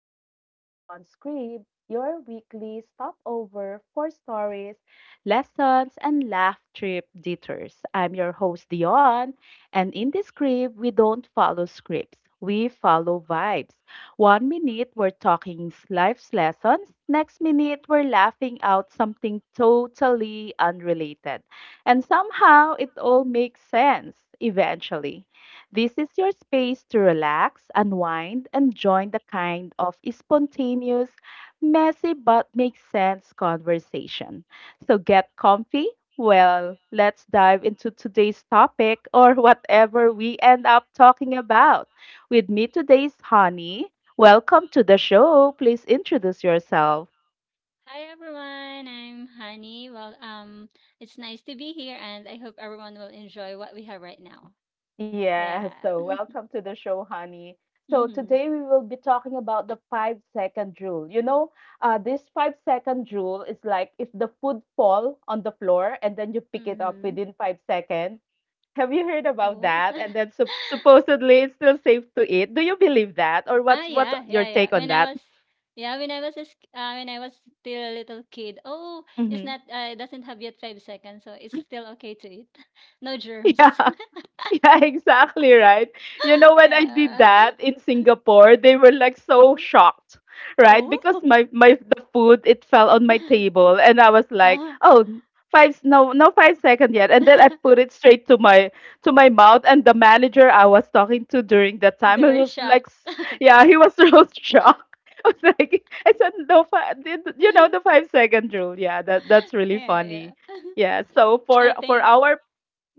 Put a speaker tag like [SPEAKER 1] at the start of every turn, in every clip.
[SPEAKER 1] back to the Beyond Script, your weekly stopover for stories, lessons, and laugh trip detours. I'm your host, Dion, and in this script, we don't follow scripts, we follow vibes. One minute, we're talking life's lessons, next minute, we're laughing out something totally unrelated. And somehow, it all makes sense eventually. This is your space to relax, unwind, and join the kind of spontaneous, messy but makes sense conversation. So get comfy. Well, let's dive into today's topic or whatever we end up talking about. With me today's honey. Welcome to the show. Please introduce yourself.
[SPEAKER 2] Hi everyone, I'm Honey. It's nice to be here, and I hope everyone will enjoy what we have right now.
[SPEAKER 1] Yeah,
[SPEAKER 2] Yeah.
[SPEAKER 1] so welcome to the show, honey. So
[SPEAKER 2] Mhm.
[SPEAKER 1] today we will be talking about the 5-second rule. This 5-second rule is like if the food fall on the floor and then you pick it up
[SPEAKER 2] Mm-hmm.
[SPEAKER 1] within 5 seconds. Have you heard about
[SPEAKER 2] Oh.
[SPEAKER 1] that? And then supposedly it's still safe to eat. Do you believe that, or what's
[SPEAKER 2] Yeah,
[SPEAKER 1] your
[SPEAKER 2] yeah,
[SPEAKER 1] take
[SPEAKER 2] yeah.
[SPEAKER 1] on
[SPEAKER 2] When I
[SPEAKER 1] that?
[SPEAKER 2] was, yeah, when I was, a sk- when I was still a little kid. Oh, it's
[SPEAKER 1] Mm-hmm.
[SPEAKER 2] not, it doesn't have yet 5 seconds, so it's still okay to eat. No germs.
[SPEAKER 1] Yeah. Yeah, exactly right. You know, when I did
[SPEAKER 2] Yeah.
[SPEAKER 1] that in Singapore, they were like so
[SPEAKER 2] Oh,
[SPEAKER 1] shocked, right? Because
[SPEAKER 2] oh.
[SPEAKER 1] my the food it fell on my table, and I was like,
[SPEAKER 2] Ah.
[SPEAKER 1] oh, five no no 5 second yet, and then I put it straight to my mouth, and the manager I was talking to during that time,
[SPEAKER 2] They
[SPEAKER 1] he
[SPEAKER 2] were
[SPEAKER 1] was
[SPEAKER 2] shocked.
[SPEAKER 1] like, yeah, he was so shocked. I was like, I said no five, you know the 5-second rule. Yeah, that's really
[SPEAKER 2] yeah,
[SPEAKER 1] funny.
[SPEAKER 2] yeah.
[SPEAKER 1] Yeah, so for
[SPEAKER 2] I
[SPEAKER 1] for
[SPEAKER 2] think.
[SPEAKER 1] our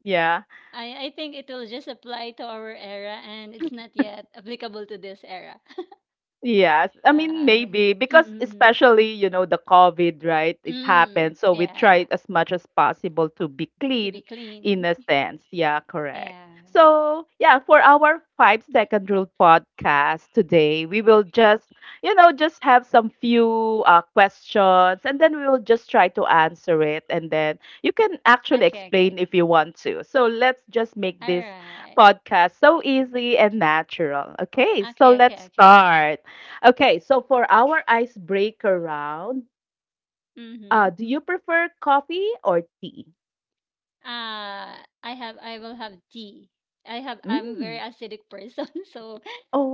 [SPEAKER 1] yeah.
[SPEAKER 2] I think it will just apply to our era and it's not yet applicable to this era.
[SPEAKER 1] Yes. I mean,
[SPEAKER 2] Uh,
[SPEAKER 1] maybe
[SPEAKER 2] mm,
[SPEAKER 1] because
[SPEAKER 2] mm, mm.
[SPEAKER 1] especially, you know, the COVID, right? It happened. So we
[SPEAKER 2] Yeah,
[SPEAKER 1] tried
[SPEAKER 2] yeah.
[SPEAKER 1] as much as possible to be
[SPEAKER 2] To be
[SPEAKER 1] clean in
[SPEAKER 2] clean.
[SPEAKER 1] a sense. Yeah, correct.
[SPEAKER 2] Yeah.
[SPEAKER 1] So, yeah, for our 5-second rule podcast today, we will just, you know, just have some few questions and then we will just try to answer it. And then you can actually
[SPEAKER 2] Okay, okay.
[SPEAKER 1] explain if you want to. So let's just make
[SPEAKER 2] All
[SPEAKER 1] this
[SPEAKER 2] right.
[SPEAKER 1] podcast so easy and natural. Okay, so
[SPEAKER 2] Okay, okay,
[SPEAKER 1] let's
[SPEAKER 2] okay.
[SPEAKER 1] start. Okay, so for our icebreaker round,
[SPEAKER 2] Mm-hmm.
[SPEAKER 1] do you prefer coffee or tea?
[SPEAKER 2] Uh, I will have tea. I'm very
[SPEAKER 1] Mm.
[SPEAKER 2] acidic person, so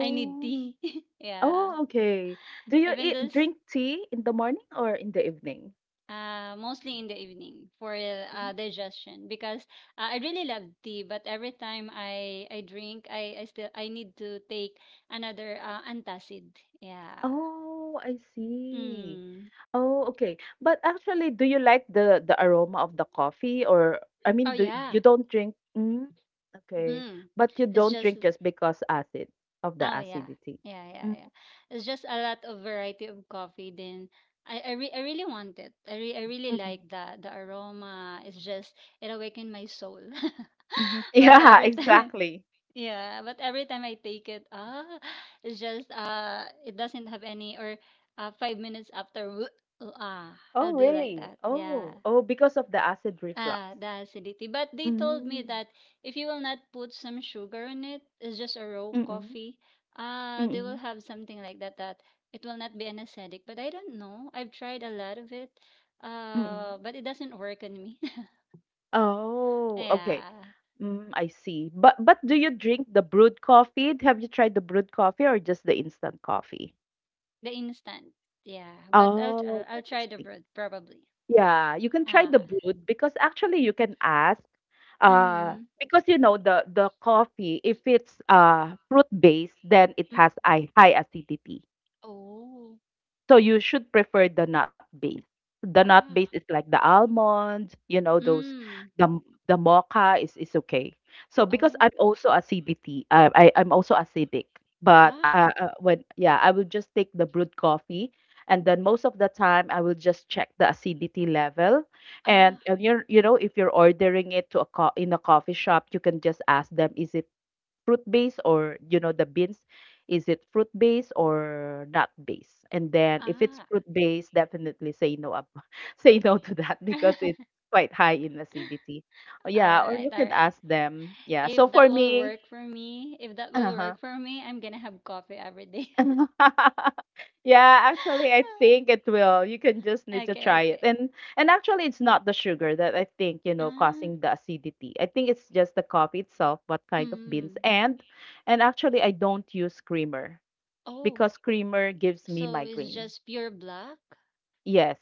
[SPEAKER 2] I need tea. Yeah.
[SPEAKER 1] oh, okay. Do you
[SPEAKER 2] Even
[SPEAKER 1] eat,
[SPEAKER 2] this
[SPEAKER 1] drink tea in the morning or in the evening?
[SPEAKER 2] mostly in the evening for
[SPEAKER 1] Mm.
[SPEAKER 2] digestion because I really love tea, but every time I drink, I still I need to take another antacid. Yeah.
[SPEAKER 1] Oh, I see.
[SPEAKER 2] Mm.
[SPEAKER 1] Oh, okay. But actually, do you like the aroma of the coffee or I
[SPEAKER 2] Oh
[SPEAKER 1] mean, do you
[SPEAKER 2] yeah.
[SPEAKER 1] don't drink? Mm, okay,
[SPEAKER 2] Mm.
[SPEAKER 1] but you
[SPEAKER 2] It's
[SPEAKER 1] don't
[SPEAKER 2] just
[SPEAKER 1] drink just because acid of the
[SPEAKER 2] Oh yeah,
[SPEAKER 1] acidity.
[SPEAKER 2] yeah, yeah, yeah
[SPEAKER 1] Mm-hmm.
[SPEAKER 2] It's just a lot of variety of coffee. Then I really want it. I really
[SPEAKER 1] Mm-hmm.
[SPEAKER 2] like the aroma. It's just it awakened my soul. but
[SPEAKER 1] Yeah,
[SPEAKER 2] every time,
[SPEAKER 1] exactly.
[SPEAKER 2] yeah, but every time I take it, ah, it's just it doesn't have any or 5 minutes after, ah,
[SPEAKER 1] Oh,
[SPEAKER 2] I'll do like
[SPEAKER 1] really?
[SPEAKER 2] that. Yeah,
[SPEAKER 1] Oh, oh, because of the acid reflux.
[SPEAKER 2] ah, the acidity. But they told me
[SPEAKER 1] Mm.
[SPEAKER 2] that if you will not put some sugar in it, it's just a raw
[SPEAKER 1] Mm-mm.
[SPEAKER 2] coffee. Ah, they will
[SPEAKER 1] Mm-mm.
[SPEAKER 2] have something like that that it will not be an acidic. But I don't know. I've tried a lot of it.
[SPEAKER 1] Mm-mm.
[SPEAKER 2] But it doesn't work on me.
[SPEAKER 1] Oh, okay.
[SPEAKER 2] yeah,
[SPEAKER 1] Mm, I see. But do you drink the brewed coffee? Have you tried the brewed coffee or just the instant coffee?
[SPEAKER 2] the instant. Yeah, but
[SPEAKER 1] Oh,
[SPEAKER 2] I'll
[SPEAKER 1] that
[SPEAKER 2] try the
[SPEAKER 1] explains.
[SPEAKER 2] bread probably.
[SPEAKER 1] Yeah, you can try the
[SPEAKER 2] Ah.
[SPEAKER 1] brewed because actually you can ask
[SPEAKER 2] Mm.
[SPEAKER 1] because you know the coffee if it's fruit based then it
[SPEAKER 2] Mm.
[SPEAKER 1] has a high acidity.
[SPEAKER 2] Oh.
[SPEAKER 1] So you should prefer the nut base. The nut base
[SPEAKER 2] Ah.
[SPEAKER 1] is like the almonds, you know, those
[SPEAKER 2] Mm.
[SPEAKER 1] the mocha is okay. So because
[SPEAKER 2] Oh.
[SPEAKER 1] I'm also acidity, uh, I'm also acidic. But
[SPEAKER 2] Ah.
[SPEAKER 1] when yeah, I will just take the brewed coffee, and then most of the time I will just check the acidity level. And
[SPEAKER 2] Ah.
[SPEAKER 1] you know if you're ordering it to a in a coffee shop, you can just ask them, is it fruit based or you know the beans is it fruit based or nut based, and then if it's
[SPEAKER 2] Ah.
[SPEAKER 1] fruit based definitely say no up say no to that because it's quite high in acidity. Oh,
[SPEAKER 2] all
[SPEAKER 1] yeah, or
[SPEAKER 2] right.
[SPEAKER 1] you
[SPEAKER 2] All
[SPEAKER 1] can
[SPEAKER 2] right.
[SPEAKER 1] ask them. Yeah, so
[SPEAKER 2] If that
[SPEAKER 1] for
[SPEAKER 2] will
[SPEAKER 1] me,
[SPEAKER 2] work for me, If that will
[SPEAKER 1] uh-huh.
[SPEAKER 2] work for me, I'm gonna have coffee every day.
[SPEAKER 1] Yeah, actually I think it will, you can just need to
[SPEAKER 2] Okay,
[SPEAKER 1] try it.
[SPEAKER 2] okay.
[SPEAKER 1] And actually it's not the sugar that I think, you know,
[SPEAKER 2] Ah,
[SPEAKER 1] causing the acidity, I think it's just the coffee itself, what kind of beans.
[SPEAKER 2] mm.
[SPEAKER 1] And actually I don't use creamer
[SPEAKER 2] Oh,
[SPEAKER 1] because creamer gives me
[SPEAKER 2] so it's
[SPEAKER 1] migraine.
[SPEAKER 2] just pure black?
[SPEAKER 1] Yes,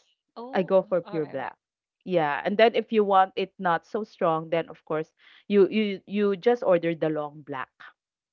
[SPEAKER 1] I go
[SPEAKER 2] Oh,
[SPEAKER 1] for
[SPEAKER 2] all
[SPEAKER 1] pure
[SPEAKER 2] right,
[SPEAKER 1] black. Yeah, and then if you want it not so strong, then of course you just order the long black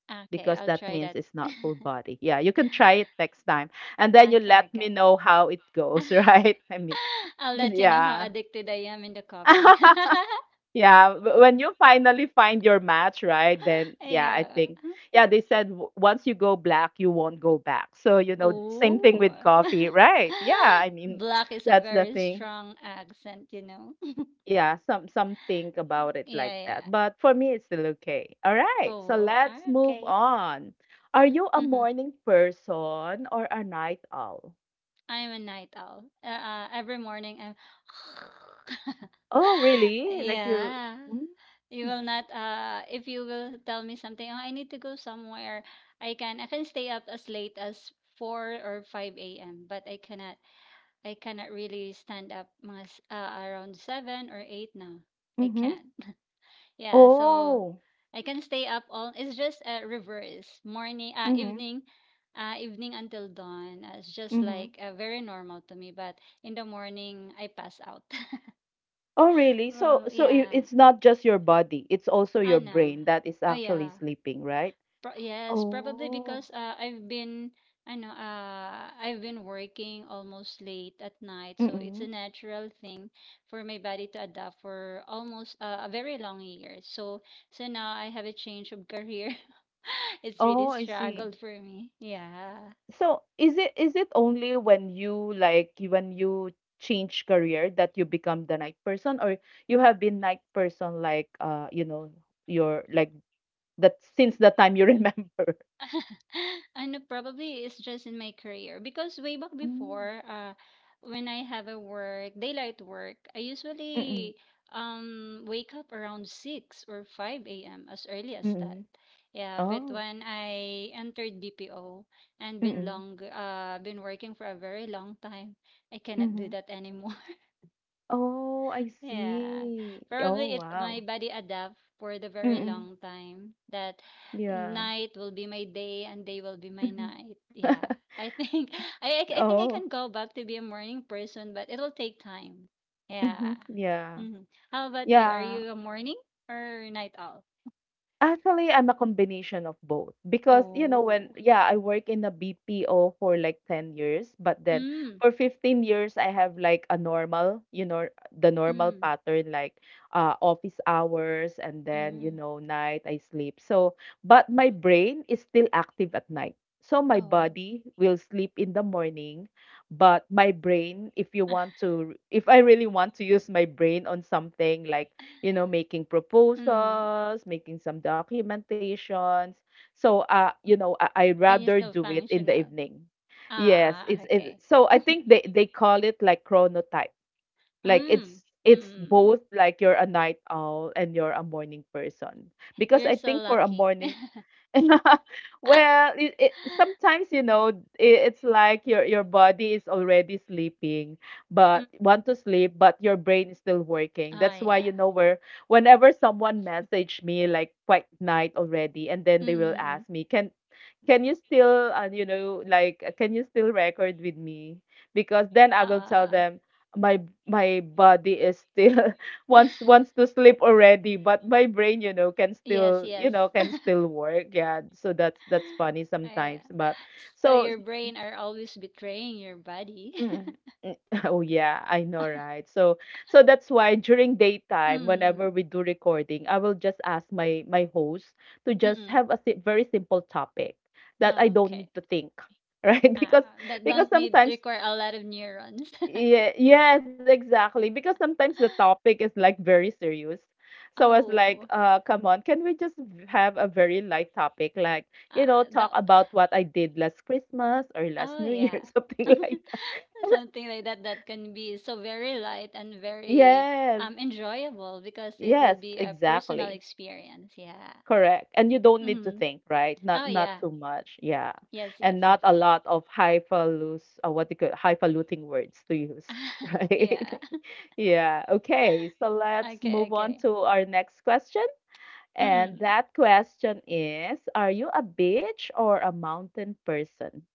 [SPEAKER 2] right. Okay,
[SPEAKER 1] because
[SPEAKER 2] I'll
[SPEAKER 1] that
[SPEAKER 2] try
[SPEAKER 1] means
[SPEAKER 2] that.
[SPEAKER 1] it's not full body. Yeah, you can try it next time, and then you
[SPEAKER 2] Okay,
[SPEAKER 1] let me
[SPEAKER 2] okay.
[SPEAKER 1] know how it goes, right? I mean,
[SPEAKER 2] I'll let you know how
[SPEAKER 1] yeah.
[SPEAKER 2] addicted I am in the coffee.
[SPEAKER 1] Yeah, when you finally find your match, right? Then yeah, I
[SPEAKER 2] Yeah.
[SPEAKER 1] think yeah, they said once you go black, you won't go back. So, you know, same thing
[SPEAKER 2] Oh.
[SPEAKER 1] with coffee, right? Yeah, I mean,
[SPEAKER 2] black is a
[SPEAKER 1] that's the
[SPEAKER 2] very
[SPEAKER 1] thing.
[SPEAKER 2] strong accent, you know.
[SPEAKER 1] Yeah, some think about it like
[SPEAKER 2] Yeah, yeah.
[SPEAKER 1] that. But for me it's still okay. All right. So,
[SPEAKER 2] Oh,
[SPEAKER 1] let's move
[SPEAKER 2] okay.
[SPEAKER 1] on. Are you a
[SPEAKER 2] Mhm.
[SPEAKER 1] morning person or a night owl?
[SPEAKER 2] I'm a night owl. Every morning I'm
[SPEAKER 1] Oh, really? Like you're
[SPEAKER 2] Yeah.
[SPEAKER 1] mm,
[SPEAKER 2] You will not if you will tell me something, oh, I need to go somewhere. I can stay up as late as 4 or 5 a.m. But I cannot really stand up mga around 7 or 8 now. I
[SPEAKER 1] mm-hmm.
[SPEAKER 2] can't. Yeah, so
[SPEAKER 1] Oh.
[SPEAKER 2] I can stay up all. It's just a reverse morning,
[SPEAKER 1] Mm-hmm.
[SPEAKER 2] evening until dawn. It's just
[SPEAKER 1] Mm-hmm.
[SPEAKER 2] like very normal to me. But in the morning, I pass out.
[SPEAKER 1] Oh, really? So,
[SPEAKER 2] oh yeah,
[SPEAKER 1] it's not just your body, it's also
[SPEAKER 2] I
[SPEAKER 1] your
[SPEAKER 2] know.
[SPEAKER 1] brain that is
[SPEAKER 2] Oh
[SPEAKER 1] actually
[SPEAKER 2] yeah.
[SPEAKER 1] sleeping, right?
[SPEAKER 2] Yes, probably
[SPEAKER 1] Oh,
[SPEAKER 2] because I've been working almost late at night, so it's
[SPEAKER 1] mm-mm.
[SPEAKER 2] a natural thing for my body to adapt for almost a very long year. So so now I have a change of career. it's really
[SPEAKER 1] Oh, I see.
[SPEAKER 2] struggled for me. Yeah.
[SPEAKER 1] So, is it only when when you change career that you become the night person, or you have been night person like you know your like that since the time you remember?
[SPEAKER 2] Ano, probably it's just in my career because way back
[SPEAKER 1] Mm.
[SPEAKER 2] before, when I have a work, daylight work, I
[SPEAKER 1] Mm-mm.
[SPEAKER 2] usually wake up around 6 or 5 a.m. as early as
[SPEAKER 1] Mm-mm.
[SPEAKER 2] that. Yeah, but
[SPEAKER 1] Oh.
[SPEAKER 2] when I entered BPO and been
[SPEAKER 1] Mm-mm.
[SPEAKER 2] long been working for a very long time, I cannot do
[SPEAKER 1] Mm-hmm.
[SPEAKER 2] that anymore.
[SPEAKER 1] Oh, I
[SPEAKER 2] Yeah,
[SPEAKER 1] see. Oh,
[SPEAKER 2] probably it
[SPEAKER 1] wow.
[SPEAKER 2] my body adapt for the very
[SPEAKER 1] Mm-mm.
[SPEAKER 2] long time that
[SPEAKER 1] Yeah.
[SPEAKER 2] night will be my day and day will be my
[SPEAKER 1] Mhm.
[SPEAKER 2] night. Yeah, I think I think I
[SPEAKER 1] Oh.
[SPEAKER 2] can go back to be a morning person, but it'll take time.
[SPEAKER 1] Mhm.
[SPEAKER 2] Yeah.
[SPEAKER 1] Yeah.
[SPEAKER 2] hmm How about you? Are
[SPEAKER 1] Yeah.
[SPEAKER 2] you a morning or night owl?
[SPEAKER 1] Actually, I'm a combination of both because, you know, when,
[SPEAKER 2] Oh.
[SPEAKER 1] yeah, I work in a BPO for like 10 years, but then
[SPEAKER 2] Mm.
[SPEAKER 1] for 15 years, I have like a normal, you know, the normal
[SPEAKER 2] Mm.
[SPEAKER 1] pattern, like office hours and then, you
[SPEAKER 2] Mm.
[SPEAKER 1] know, night I sleep. So, but my brain is still active at night. So my
[SPEAKER 2] Oh.
[SPEAKER 1] body will sleep in the morning, but my brain, if you want to, if I really want to use my brain on something like you know, making
[SPEAKER 2] Mm.
[SPEAKER 1] proposals, making some documentations. So, you know, I
[SPEAKER 2] Can you
[SPEAKER 1] rather
[SPEAKER 2] still
[SPEAKER 1] do it in the
[SPEAKER 2] functional?
[SPEAKER 1] evening. Yes,
[SPEAKER 2] Ah.
[SPEAKER 1] it's it.
[SPEAKER 2] Okay.
[SPEAKER 1] So I think they call it like chronotype. Like
[SPEAKER 2] Mm.
[SPEAKER 1] it's
[SPEAKER 2] Mm.
[SPEAKER 1] it's
[SPEAKER 2] mm.
[SPEAKER 1] both, like you're a night owl and you're a morning person. Because
[SPEAKER 2] You're
[SPEAKER 1] I
[SPEAKER 2] so
[SPEAKER 1] think for a
[SPEAKER 2] lucky.
[SPEAKER 1] morning well, sometimes you know it's like your body is already sleeping, but want to sleep, but your brain is still working.
[SPEAKER 2] Oh,
[SPEAKER 1] That's why
[SPEAKER 2] yeah.
[SPEAKER 1] you know where whenever someone message me like quite night already, and then
[SPEAKER 2] mm
[SPEAKER 1] they will
[SPEAKER 2] mm
[SPEAKER 1] ask me, can you still can you still record with me? Because then I will tell
[SPEAKER 2] Oo, oo,
[SPEAKER 1] them my my body is still wants to sleep already but my brain, you know, can
[SPEAKER 2] yes,
[SPEAKER 1] still,
[SPEAKER 2] yes.
[SPEAKER 1] you know, can still work. Yeah, so that's funny
[SPEAKER 2] Yeah.
[SPEAKER 1] sometimes. But
[SPEAKER 2] So your
[SPEAKER 1] so
[SPEAKER 2] brain are always betraying your body.
[SPEAKER 1] mm, mm, oh yeah I know right. So so that's why during daytime whenever
[SPEAKER 2] Mm-mm.
[SPEAKER 1] we do recording I will just ask my host to just
[SPEAKER 2] Mm-mm.
[SPEAKER 1] have a very simple topic that I don't
[SPEAKER 2] Okay.
[SPEAKER 1] need to think right,
[SPEAKER 2] Uh,
[SPEAKER 1] because
[SPEAKER 2] that don't need
[SPEAKER 1] sometimes
[SPEAKER 2] require a lot of neurons.
[SPEAKER 1] yeah. Yes, exactly. Because sometimes the topic is like very serious. So I was like,
[SPEAKER 2] Oh,
[SPEAKER 1] come on, can we just have a very light topic? Like, you know,
[SPEAKER 2] the
[SPEAKER 1] talk about what I did last Christmas or last
[SPEAKER 2] oh
[SPEAKER 1] New
[SPEAKER 2] yeah,
[SPEAKER 1] Year, something like that.
[SPEAKER 2] something like that that can be so very light and very
[SPEAKER 1] Yes,
[SPEAKER 2] enjoyable because it
[SPEAKER 1] yes,
[SPEAKER 2] will be a personal
[SPEAKER 1] exactly.
[SPEAKER 2] experience. Yeah.
[SPEAKER 1] Correct. And you don't need to
[SPEAKER 2] Mm-hmm.
[SPEAKER 1] think, right?
[SPEAKER 2] Oh
[SPEAKER 1] Not not
[SPEAKER 2] yeah.
[SPEAKER 1] too much. Yeah.
[SPEAKER 2] Yes. Yes.
[SPEAKER 1] And not
[SPEAKER 2] Yes.
[SPEAKER 1] a lot of highfalus what do you call highfalutin words to use, right?
[SPEAKER 2] Yeah.
[SPEAKER 1] Yeah. Okay. So let's
[SPEAKER 2] Okay,
[SPEAKER 1] move on
[SPEAKER 2] okay.
[SPEAKER 1] to our next question. And
[SPEAKER 2] Mm-mm.
[SPEAKER 1] that question is, are you a beach or a mountain person?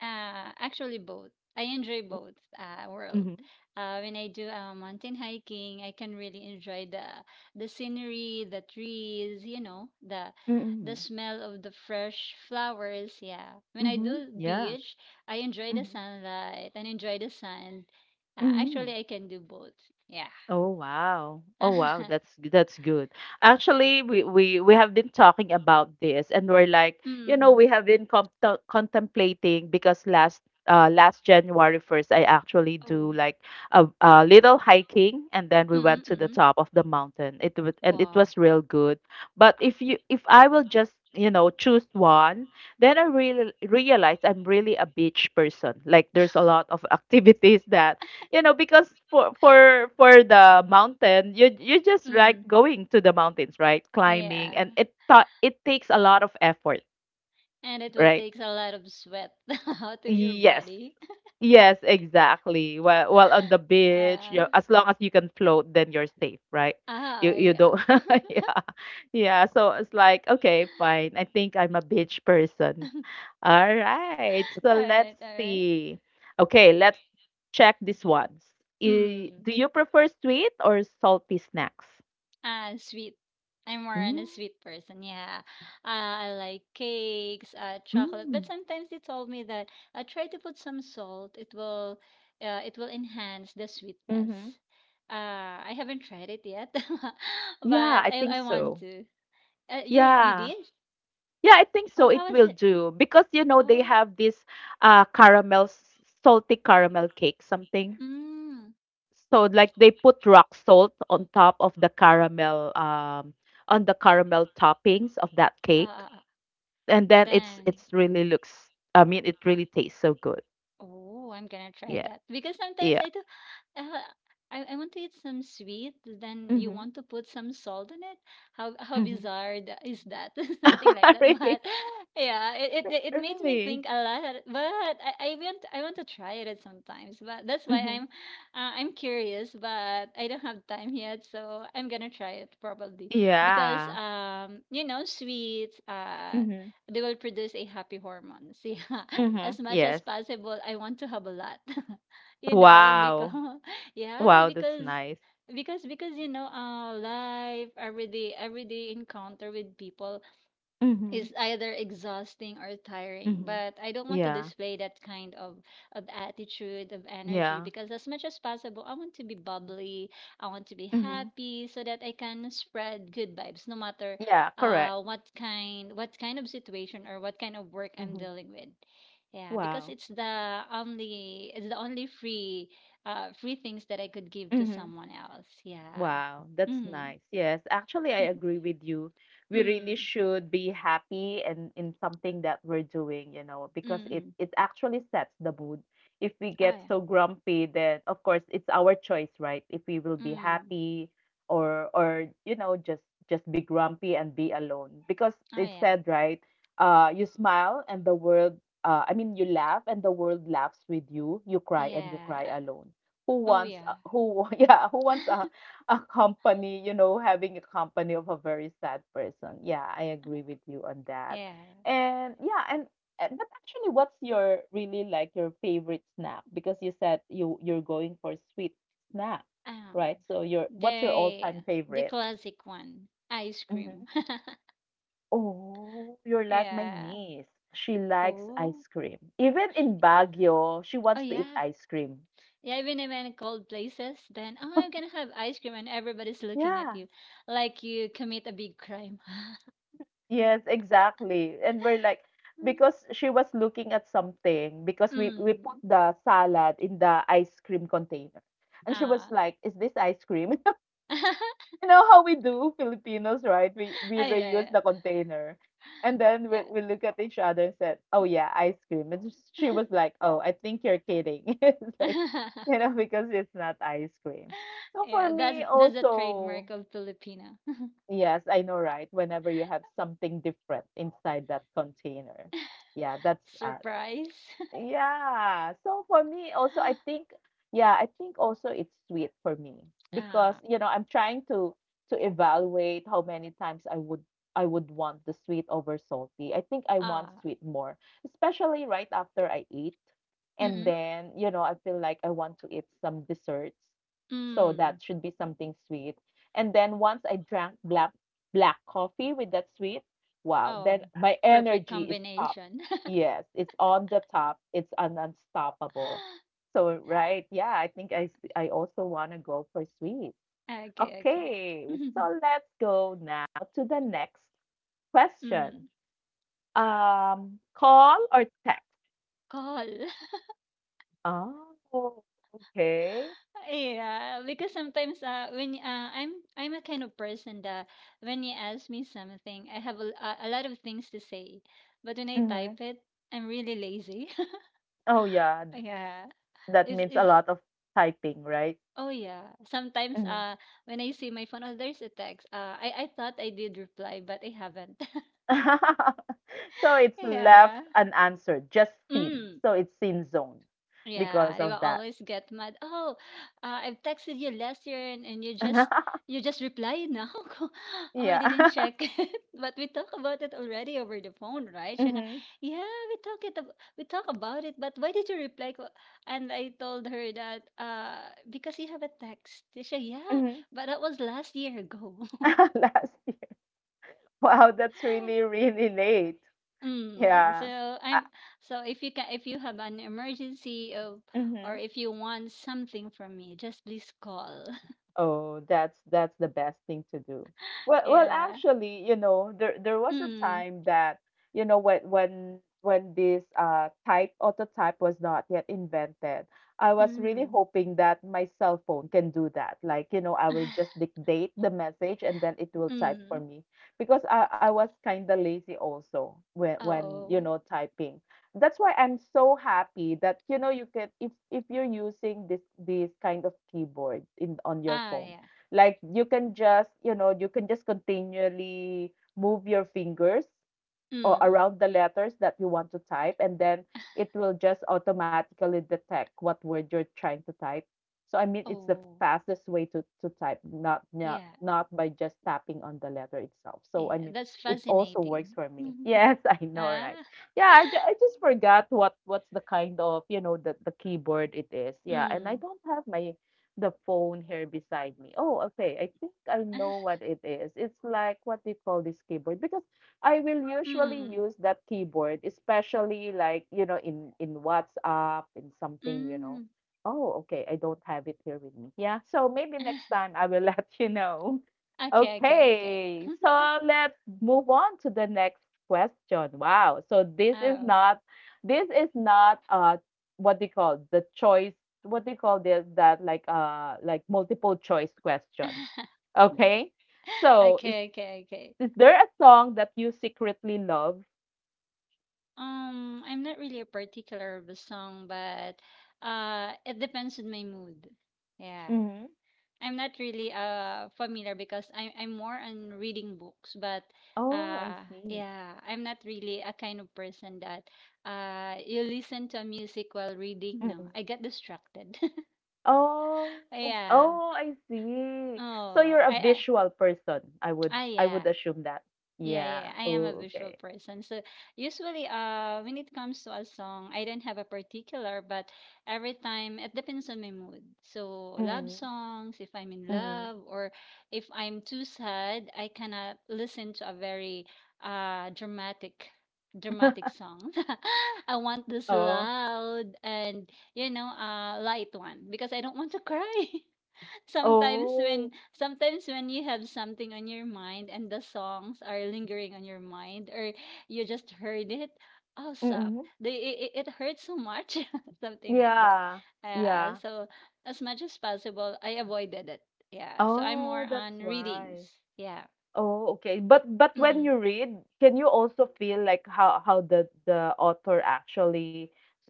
[SPEAKER 2] Actually, both. I enjoy both world.
[SPEAKER 1] Mm-hmm.
[SPEAKER 2] When I do mountain hiking, I can really enjoy the scenery, the trees, you know, the
[SPEAKER 1] Mm-hmm.
[SPEAKER 2] smell of the fresh flowers. Yeah. When I
[SPEAKER 1] Mm-hmm.
[SPEAKER 2] do
[SPEAKER 1] Yeah.
[SPEAKER 2] beach, I enjoy the sunlight and enjoy the sand.
[SPEAKER 1] Mm-hmm.
[SPEAKER 2] Actually, I can do both. Yeah.
[SPEAKER 1] Oh wow. Oh wow, that's good. Actually, we have been talking about this and we're like, you know,
[SPEAKER 2] mm-mm.
[SPEAKER 1] we have been contemplating because last January 1st I actually do
[SPEAKER 2] Oh,
[SPEAKER 1] like a little hiking and then we went to the
[SPEAKER 2] mm-mm-mm.
[SPEAKER 1] top of the mountain. It was and it
[SPEAKER 2] Wow.
[SPEAKER 1] was real good. But
[SPEAKER 2] Ah.
[SPEAKER 1] if I will just, you know, choose one, then I really realized I'm really a beach person. Like there's a lot of activities that you know because for the mountain you just like
[SPEAKER 2] Mm.
[SPEAKER 1] going to the mountains right climbing
[SPEAKER 2] Yeah.
[SPEAKER 1] and it takes a lot of effort
[SPEAKER 2] And it will
[SPEAKER 1] right.
[SPEAKER 2] takes a lot of sweat out of your
[SPEAKER 1] Yes,
[SPEAKER 2] body.
[SPEAKER 1] yes, exactly. Well, well, on the beach you,
[SPEAKER 2] Yeah.
[SPEAKER 1] as long as you can float, then you're safe right. You
[SPEAKER 2] Yeah.
[SPEAKER 1] don't yeah, yeah, so it's like okay fine I think I'm a beach person. All right. So
[SPEAKER 2] all right,
[SPEAKER 1] let's
[SPEAKER 2] all right.
[SPEAKER 1] see. Okay, let's check these ones.
[SPEAKER 2] Mm.
[SPEAKER 1] Do you prefer sweet or salty snacks?
[SPEAKER 2] Sweet. I'm more on
[SPEAKER 1] Mm,
[SPEAKER 2] a sweet person. Yeah. Uh, I like cakes, chocolate.
[SPEAKER 1] mm.
[SPEAKER 2] But sometimes they told me that try to put some salt. It will enhance the sweetness.
[SPEAKER 1] Mm-hmm.
[SPEAKER 2] Uh, I haven't tried it yet,
[SPEAKER 1] Yeah,
[SPEAKER 2] but
[SPEAKER 1] I think
[SPEAKER 2] I want
[SPEAKER 1] so,
[SPEAKER 2] to. You
[SPEAKER 1] yeah.
[SPEAKER 2] did?
[SPEAKER 1] Yeah, I think
[SPEAKER 2] Oh,
[SPEAKER 1] so.
[SPEAKER 2] how
[SPEAKER 1] It
[SPEAKER 2] was
[SPEAKER 1] will
[SPEAKER 2] it?
[SPEAKER 1] do because you know they
[SPEAKER 2] Oh,
[SPEAKER 1] have this caramel salty caramel cake something.
[SPEAKER 2] mm.
[SPEAKER 1] So like they put rock salt on top of the caramel on the caramel toppings of that cake.
[SPEAKER 2] Uh,
[SPEAKER 1] And then
[SPEAKER 2] Then
[SPEAKER 1] it's really looks, I mean it really tastes so good.
[SPEAKER 2] oh, I'm gonna try
[SPEAKER 1] Yeah.
[SPEAKER 2] that because sometimes
[SPEAKER 1] Yeah.
[SPEAKER 2] I do. Uh, I want to eat some sweet. Then you
[SPEAKER 1] Mhm.
[SPEAKER 2] want to put some salt in it. How
[SPEAKER 1] Mhm.
[SPEAKER 2] bizarre is that? Something like that. But
[SPEAKER 1] Really?
[SPEAKER 2] yeah, it made me
[SPEAKER 1] Really?
[SPEAKER 2] think a lot. But I want to try it sometimes. But that's why
[SPEAKER 1] Mhm.
[SPEAKER 2] I'm curious. But I don't have time yet, so I'm gonna try it probably because
[SPEAKER 1] Yeah.
[SPEAKER 2] you know sweets
[SPEAKER 1] Mhm.
[SPEAKER 2] they will produce a happy hormones. Yeah,
[SPEAKER 1] Mhm.
[SPEAKER 2] as much as
[SPEAKER 1] Yes.
[SPEAKER 2] possible I want to have a lot, you know, because
[SPEAKER 1] Wow.
[SPEAKER 2] yeah
[SPEAKER 1] Wow, that's
[SPEAKER 2] because
[SPEAKER 1] nice.
[SPEAKER 2] because you know life every day encounter with people is
[SPEAKER 1] Mhm.
[SPEAKER 2] either exhausting or tiring
[SPEAKER 1] Mhm.
[SPEAKER 2] but I don't want to
[SPEAKER 1] Yeah.
[SPEAKER 2] display that kind of attitude of energy
[SPEAKER 1] Yeah.
[SPEAKER 2] because as much as possible I want to be bubbly I want to be
[SPEAKER 1] Mhm.
[SPEAKER 2] happy so that I can spread good vibes no matter
[SPEAKER 1] Yeah, correct.
[SPEAKER 2] what kind of situation or what kind of work I'm
[SPEAKER 1] Hmm.
[SPEAKER 2] dealing with yeah because
[SPEAKER 1] Wow.
[SPEAKER 2] it's the only free free things that I could give to
[SPEAKER 1] Mhm.
[SPEAKER 2] someone else yeah
[SPEAKER 1] Wow, that's
[SPEAKER 2] mm
[SPEAKER 1] nice. Yes, actually, I agree with you. We really
[SPEAKER 2] mm
[SPEAKER 1] should be happy and in something that we're doing, you know,
[SPEAKER 2] mm
[SPEAKER 1] because it
[SPEAKER 2] mm
[SPEAKER 1] it actually sets the mood. If we
[SPEAKER 2] oh
[SPEAKER 1] get
[SPEAKER 2] yeah
[SPEAKER 1] so grumpy, then of course it's our choice, right? If we will be
[SPEAKER 2] mm
[SPEAKER 1] happy or you know just be grumpy and be alone, because
[SPEAKER 2] oh
[SPEAKER 1] it
[SPEAKER 2] yeah.
[SPEAKER 1] said right, you smile and the world, I mean you laugh and the world laughs with you. You cry and you
[SPEAKER 2] Yeah.
[SPEAKER 1] cry alone. Who
[SPEAKER 2] Oh
[SPEAKER 1] wants uh,
[SPEAKER 2] yeah.
[SPEAKER 1] who yeah who wants a company, you know, having a company of a very sad person. Yeah, I agree with you on that.
[SPEAKER 2] Yeah.
[SPEAKER 1] And yeah, and but actually what's your really like your favorite snack? Because you said you're going for sweet snack,
[SPEAKER 2] Um,
[SPEAKER 1] right? So your what's your
[SPEAKER 2] the
[SPEAKER 1] all-time
[SPEAKER 2] the
[SPEAKER 1] favorite?
[SPEAKER 2] classic one. Ice
[SPEAKER 1] Hmm.
[SPEAKER 2] cream.
[SPEAKER 1] Oh, you're like my
[SPEAKER 2] Yeah.
[SPEAKER 1] niece. She likes
[SPEAKER 2] Oh.
[SPEAKER 1] ice cream. Even in Baguio, she
[SPEAKER 2] Oh
[SPEAKER 1] wants to eat
[SPEAKER 2] yeah.
[SPEAKER 1] ice cream.
[SPEAKER 2] Yeah, even if in cold places, then oh I'm gonna have ice cream and everybody's looking
[SPEAKER 1] Yeah.
[SPEAKER 2] at you like you commit a big crime.
[SPEAKER 1] Yes, exactly. And we're like because she was looking at something because we put
[SPEAKER 2] mm.
[SPEAKER 1] the salad in the ice cream container. And she was
[SPEAKER 2] Ah.
[SPEAKER 1] like, "Is this ice cream?" You know how we do Filipinos, right? We reuse
[SPEAKER 2] Yeah,
[SPEAKER 1] the container. And then we
[SPEAKER 2] yeah.
[SPEAKER 1] we look at each other and said, "Oh yeah, ice cream." And she
[SPEAKER 2] Yeah.
[SPEAKER 1] was like, "Oh, I think you're kidding." It's like, you know, because it's not ice cream. So for
[SPEAKER 2] Yeah,
[SPEAKER 1] me
[SPEAKER 2] that's a
[SPEAKER 1] also,
[SPEAKER 2] trademark of Filipino.
[SPEAKER 1] yes, I know, right? Whenever you have something different inside that container. Yeah, that's
[SPEAKER 2] Surprise.
[SPEAKER 1] yeah. So for me also I think yeah, I think also it's sweet for me because
[SPEAKER 2] ah.
[SPEAKER 1] you know, I'm trying to evaluate how many times I would want the sweet over salty. I think I want
[SPEAKER 2] Ah.
[SPEAKER 1] sweet more, especially right after I eat. And
[SPEAKER 2] Mm-mm.
[SPEAKER 1] then, you know, I feel like I want to eat some desserts. So
[SPEAKER 2] Mm.
[SPEAKER 1] that should be something sweet. And then once I drank black coffee with that sweet, wow, then
[SPEAKER 2] Oh,
[SPEAKER 1] my
[SPEAKER 2] perfect
[SPEAKER 1] energy is up.
[SPEAKER 2] combination.
[SPEAKER 1] Yes, it's on the top. It's an unstoppable. So, right, yeah, I think I also want to go for sweet.
[SPEAKER 2] Okay, okay.
[SPEAKER 1] Okay, so let's go now to the next
[SPEAKER 2] Mm.
[SPEAKER 1] question. Call or text?
[SPEAKER 2] Call.
[SPEAKER 1] Oh, okay.
[SPEAKER 2] Yeah, because sometimes when I'm a kind of person that when you ask me something, I have a lot of things to say, but when I
[SPEAKER 1] Mm-hmm.
[SPEAKER 2] type it, I'm really lazy.
[SPEAKER 1] Oh, yeah,
[SPEAKER 2] Yeah.
[SPEAKER 1] that means a
[SPEAKER 2] It's
[SPEAKER 1] lot of typing, right?
[SPEAKER 2] oh yeah. Sometimes
[SPEAKER 1] Hmm.
[SPEAKER 2] when I see my phone, oh there's a text. I thought I did reply, but I haven't.
[SPEAKER 1] So it's left
[SPEAKER 2] Yeah.
[SPEAKER 1] unanswered, just seen.
[SPEAKER 2] Mm.
[SPEAKER 1] So it's seen zone because
[SPEAKER 2] Yeah, they
[SPEAKER 1] of
[SPEAKER 2] will
[SPEAKER 1] that.
[SPEAKER 2] always get mad. Oh, I've texted you last year and you just reply now. oh, I
[SPEAKER 1] Yeah.
[SPEAKER 2] didn't check it. But we talk about it already over the phone, right? Siya nga,
[SPEAKER 1] Mhm,
[SPEAKER 2] yeah, we talk about it, but why did you reply? Ko?" And I told her that because you have a text. Siya, yeah,
[SPEAKER 1] mhm.
[SPEAKER 2] but that was last year ago.
[SPEAKER 1] Last year. Wow, that's really, really late.
[SPEAKER 2] Mm,
[SPEAKER 1] Yeah.
[SPEAKER 2] so
[SPEAKER 1] Uh,
[SPEAKER 2] I'm so if you can if you have an emergency of or
[SPEAKER 1] mhm.
[SPEAKER 2] if you want something from me, just please call.
[SPEAKER 1] Oh, that's the best thing to do. Well, well,
[SPEAKER 2] Yeah.
[SPEAKER 1] actually, you know, there was a
[SPEAKER 2] Mm.
[SPEAKER 1] time that you know when when this type autotype was not yet invented, I was really
[SPEAKER 2] Mm.
[SPEAKER 1] hoping that my cell phone can do that. Like, you know, I will just dictate the message and then it will type for
[SPEAKER 2] Mm.
[SPEAKER 1] me because I was kind of lazy also when you
[SPEAKER 2] Oh.
[SPEAKER 1] know typing. That's why I'm so happy that you know you can if you're using this this kind of keyboard in on your phone
[SPEAKER 2] Yeah.
[SPEAKER 1] like you can just you know you can just continually move your fingers or
[SPEAKER 2] Mm.
[SPEAKER 1] around the letters that you want to type, and then it will just automatically detect what word you're trying to type. So I mean, it's the
[SPEAKER 2] Oh.
[SPEAKER 1] fastest way to type, not not
[SPEAKER 2] Yeah.
[SPEAKER 1] not by just tapping on the letter itself. So I
[SPEAKER 2] Yeah.
[SPEAKER 1] mean,
[SPEAKER 2] That's
[SPEAKER 1] it also works
[SPEAKER 2] fascinating.
[SPEAKER 1] for me. Yes, I know,
[SPEAKER 2] Ah.
[SPEAKER 1] right? Yeah, I just forgot what what's the kind of you know the keyboard it is. Yeah, and I
[SPEAKER 2] Mm.
[SPEAKER 1] don't have my the phone here beside me. Oh, okay. I think I know what it is. It's like what do you call this keyboard? Because I will usually
[SPEAKER 2] Mm.
[SPEAKER 1] use that keyboard, especially like, you know, in WhatsApp in something, you know.
[SPEAKER 2] Mm.
[SPEAKER 1] Oh, okay, I don't have it here with me. Yeah, so maybe next time I will let you know.
[SPEAKER 2] Okay, okay, okay.
[SPEAKER 1] Okay, so let's move on to the next question. Wow, so
[SPEAKER 2] Oh.
[SPEAKER 1] this is not what do you call the choice what do you call this that like multiple choice question. Okay. So is
[SPEAKER 2] Okay, okay, okay.
[SPEAKER 1] there a song that you secretly love?
[SPEAKER 2] I'm not really a particular of a song, but it depends on my mood. Yeah,
[SPEAKER 1] Mhm.
[SPEAKER 2] I'm not really familiar because I'm more on reading books, but
[SPEAKER 1] Oh, I
[SPEAKER 2] uh,
[SPEAKER 1] see.
[SPEAKER 2] yeah, I'm not really a kind of person that you listen to music while reading. No,
[SPEAKER 1] Mm.
[SPEAKER 2] I get distracted.
[SPEAKER 1] Oh,
[SPEAKER 2] Yeah.
[SPEAKER 1] oh, I see. So you're
[SPEAKER 2] Oh,
[SPEAKER 1] a visual person,
[SPEAKER 2] I
[SPEAKER 1] I would
[SPEAKER 2] yeah.
[SPEAKER 1] assume that.
[SPEAKER 2] Yeah,
[SPEAKER 1] Yeah.
[SPEAKER 2] yeah, yeah, I am a
[SPEAKER 1] Oh,
[SPEAKER 2] visual
[SPEAKER 1] okay.
[SPEAKER 2] person. So usually, when it comes to a song, I don't have a particular, but every time it depends on my mood. So love
[SPEAKER 1] Mm.
[SPEAKER 2] songs, if I'm in
[SPEAKER 1] Mhm.
[SPEAKER 2] love, or if I'm too sad, I cannot listen to a very uh dramatic, dramatic song. I want this
[SPEAKER 1] Oh.
[SPEAKER 2] loud and you know, light one because I don't want to cry. sometimes
[SPEAKER 1] Oh.
[SPEAKER 2] when sometimes when you have something on your mind and the songs are lingering on your mind, or you just heard it, oh suck,
[SPEAKER 1] Mm.
[SPEAKER 2] it hurts so much. Something like that.
[SPEAKER 1] Yeah.
[SPEAKER 2] uh,
[SPEAKER 1] Yeah.
[SPEAKER 2] so as much as possible I avoided it. Yeah, so I'm
[SPEAKER 1] Oh,
[SPEAKER 2] more
[SPEAKER 1] that's
[SPEAKER 2] on
[SPEAKER 1] why.
[SPEAKER 2] readings. Yeah.
[SPEAKER 1] Oh, okay. But when
[SPEAKER 2] Mm-mm.
[SPEAKER 1] you read, can you also feel like how the author actually,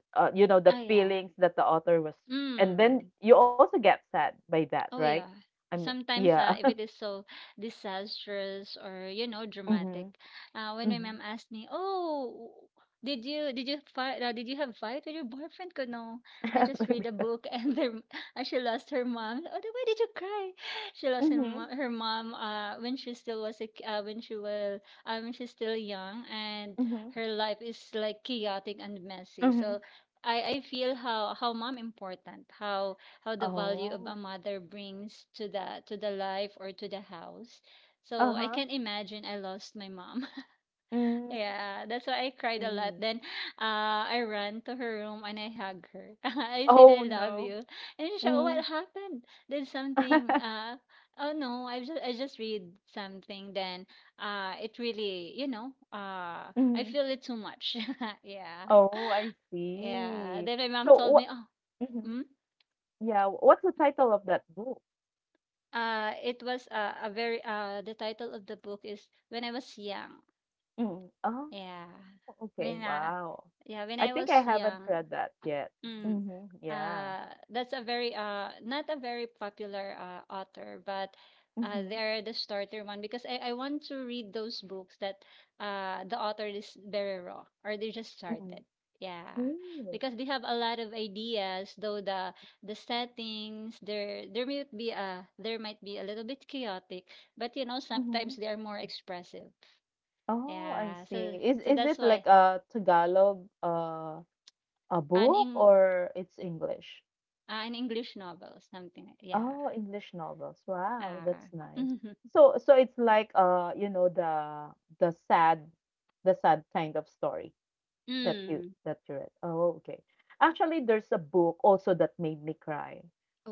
[SPEAKER 1] you know, the
[SPEAKER 2] Oh yeah.
[SPEAKER 1] feelings that the author was, and then
[SPEAKER 2] Mm.
[SPEAKER 1] you also get sad by that,
[SPEAKER 2] Oh
[SPEAKER 1] right?
[SPEAKER 2] yeah.
[SPEAKER 1] I mean,
[SPEAKER 2] Sometimes
[SPEAKER 1] yeah.
[SPEAKER 2] if it is so disastrous or you know
[SPEAKER 1] Mm-hmm.
[SPEAKER 2] dramatic, When my
[SPEAKER 1] Mm-hmm.
[SPEAKER 2] mom asked me, "Oh, did you fight? Did you have fight with your boyfriend?" Ko no, I just read a
[SPEAKER 1] Because,
[SPEAKER 2] book, and she lost her mom. Oh, then why did you cry? She lost her
[SPEAKER 1] mm-hmm.
[SPEAKER 2] mom, when she still was a, ki- when she was when she's still young and
[SPEAKER 1] Mm-hmm.
[SPEAKER 2] her life is like chaotic and messy.
[SPEAKER 1] Mm-hmm.
[SPEAKER 2] So I feel how mom important how the value of
[SPEAKER 1] Oh.
[SPEAKER 2] a mother brings to the life or to the house. So I
[SPEAKER 1] Uh-huh.
[SPEAKER 2] can imagine I lost my mom.
[SPEAKER 1] Mm.
[SPEAKER 2] Yeah, that's why I cried a lot.
[SPEAKER 1] See.
[SPEAKER 2] Then uh, I ran to her room and I hugged her. I said I
[SPEAKER 1] Oh
[SPEAKER 2] love
[SPEAKER 1] no.
[SPEAKER 2] you. And she, oh,
[SPEAKER 1] Mm.
[SPEAKER 2] what happened? Did something? Oh no, I just read something. Then it really, you know, I
[SPEAKER 1] Mm.
[SPEAKER 2] feel it too much. Yeah.
[SPEAKER 1] Oh, I
[SPEAKER 2] Yeah.
[SPEAKER 1] see.
[SPEAKER 2] Then my mom
[SPEAKER 1] So
[SPEAKER 2] told
[SPEAKER 1] what?
[SPEAKER 2] me, oh,
[SPEAKER 1] Hmm.
[SPEAKER 2] mm?
[SPEAKER 1] Yeah. What's the title of that book?
[SPEAKER 2] It was a very the title of the book is When I Was Young.
[SPEAKER 1] Mm. Oh,
[SPEAKER 2] Yeah.
[SPEAKER 1] okay.
[SPEAKER 2] When uh
[SPEAKER 1] Wow.
[SPEAKER 2] yeah, when
[SPEAKER 1] I
[SPEAKER 2] I
[SPEAKER 1] think I
[SPEAKER 2] was
[SPEAKER 1] haven't
[SPEAKER 2] young.
[SPEAKER 1] read that yet.
[SPEAKER 2] Mm.
[SPEAKER 1] Mm-hmm. Yeah.
[SPEAKER 2] Uh, that's a very Not a very popular author, but
[SPEAKER 1] Mm-hmm.
[SPEAKER 2] they're the starter one because I want to read those books that the author is very raw or they just
[SPEAKER 1] Mm.
[SPEAKER 2] started. Yeah.
[SPEAKER 1] Ooh.
[SPEAKER 2] Because they have a lot of ideas, though the settings there there might be a there might be a little bit chaotic, but
[SPEAKER 1] Mm-hmm.
[SPEAKER 2] sometimes they are more expressive.
[SPEAKER 1] Oh, I
[SPEAKER 2] Yeah.
[SPEAKER 1] see.
[SPEAKER 2] So so
[SPEAKER 1] Is it
[SPEAKER 2] that's
[SPEAKER 1] like
[SPEAKER 2] why
[SPEAKER 1] a Tagalog a
[SPEAKER 2] an
[SPEAKER 1] book
[SPEAKER 2] in
[SPEAKER 1] or it's English?
[SPEAKER 2] an English novel, something like yeah.
[SPEAKER 1] Oh, English novels. Wow, that's
[SPEAKER 2] Uh,
[SPEAKER 1] nice. So so it's like you know the sad the sad kind of story.
[SPEAKER 2] Mm.
[SPEAKER 1] That you read. Oh, okay. Actually, there's a book also that made me cry.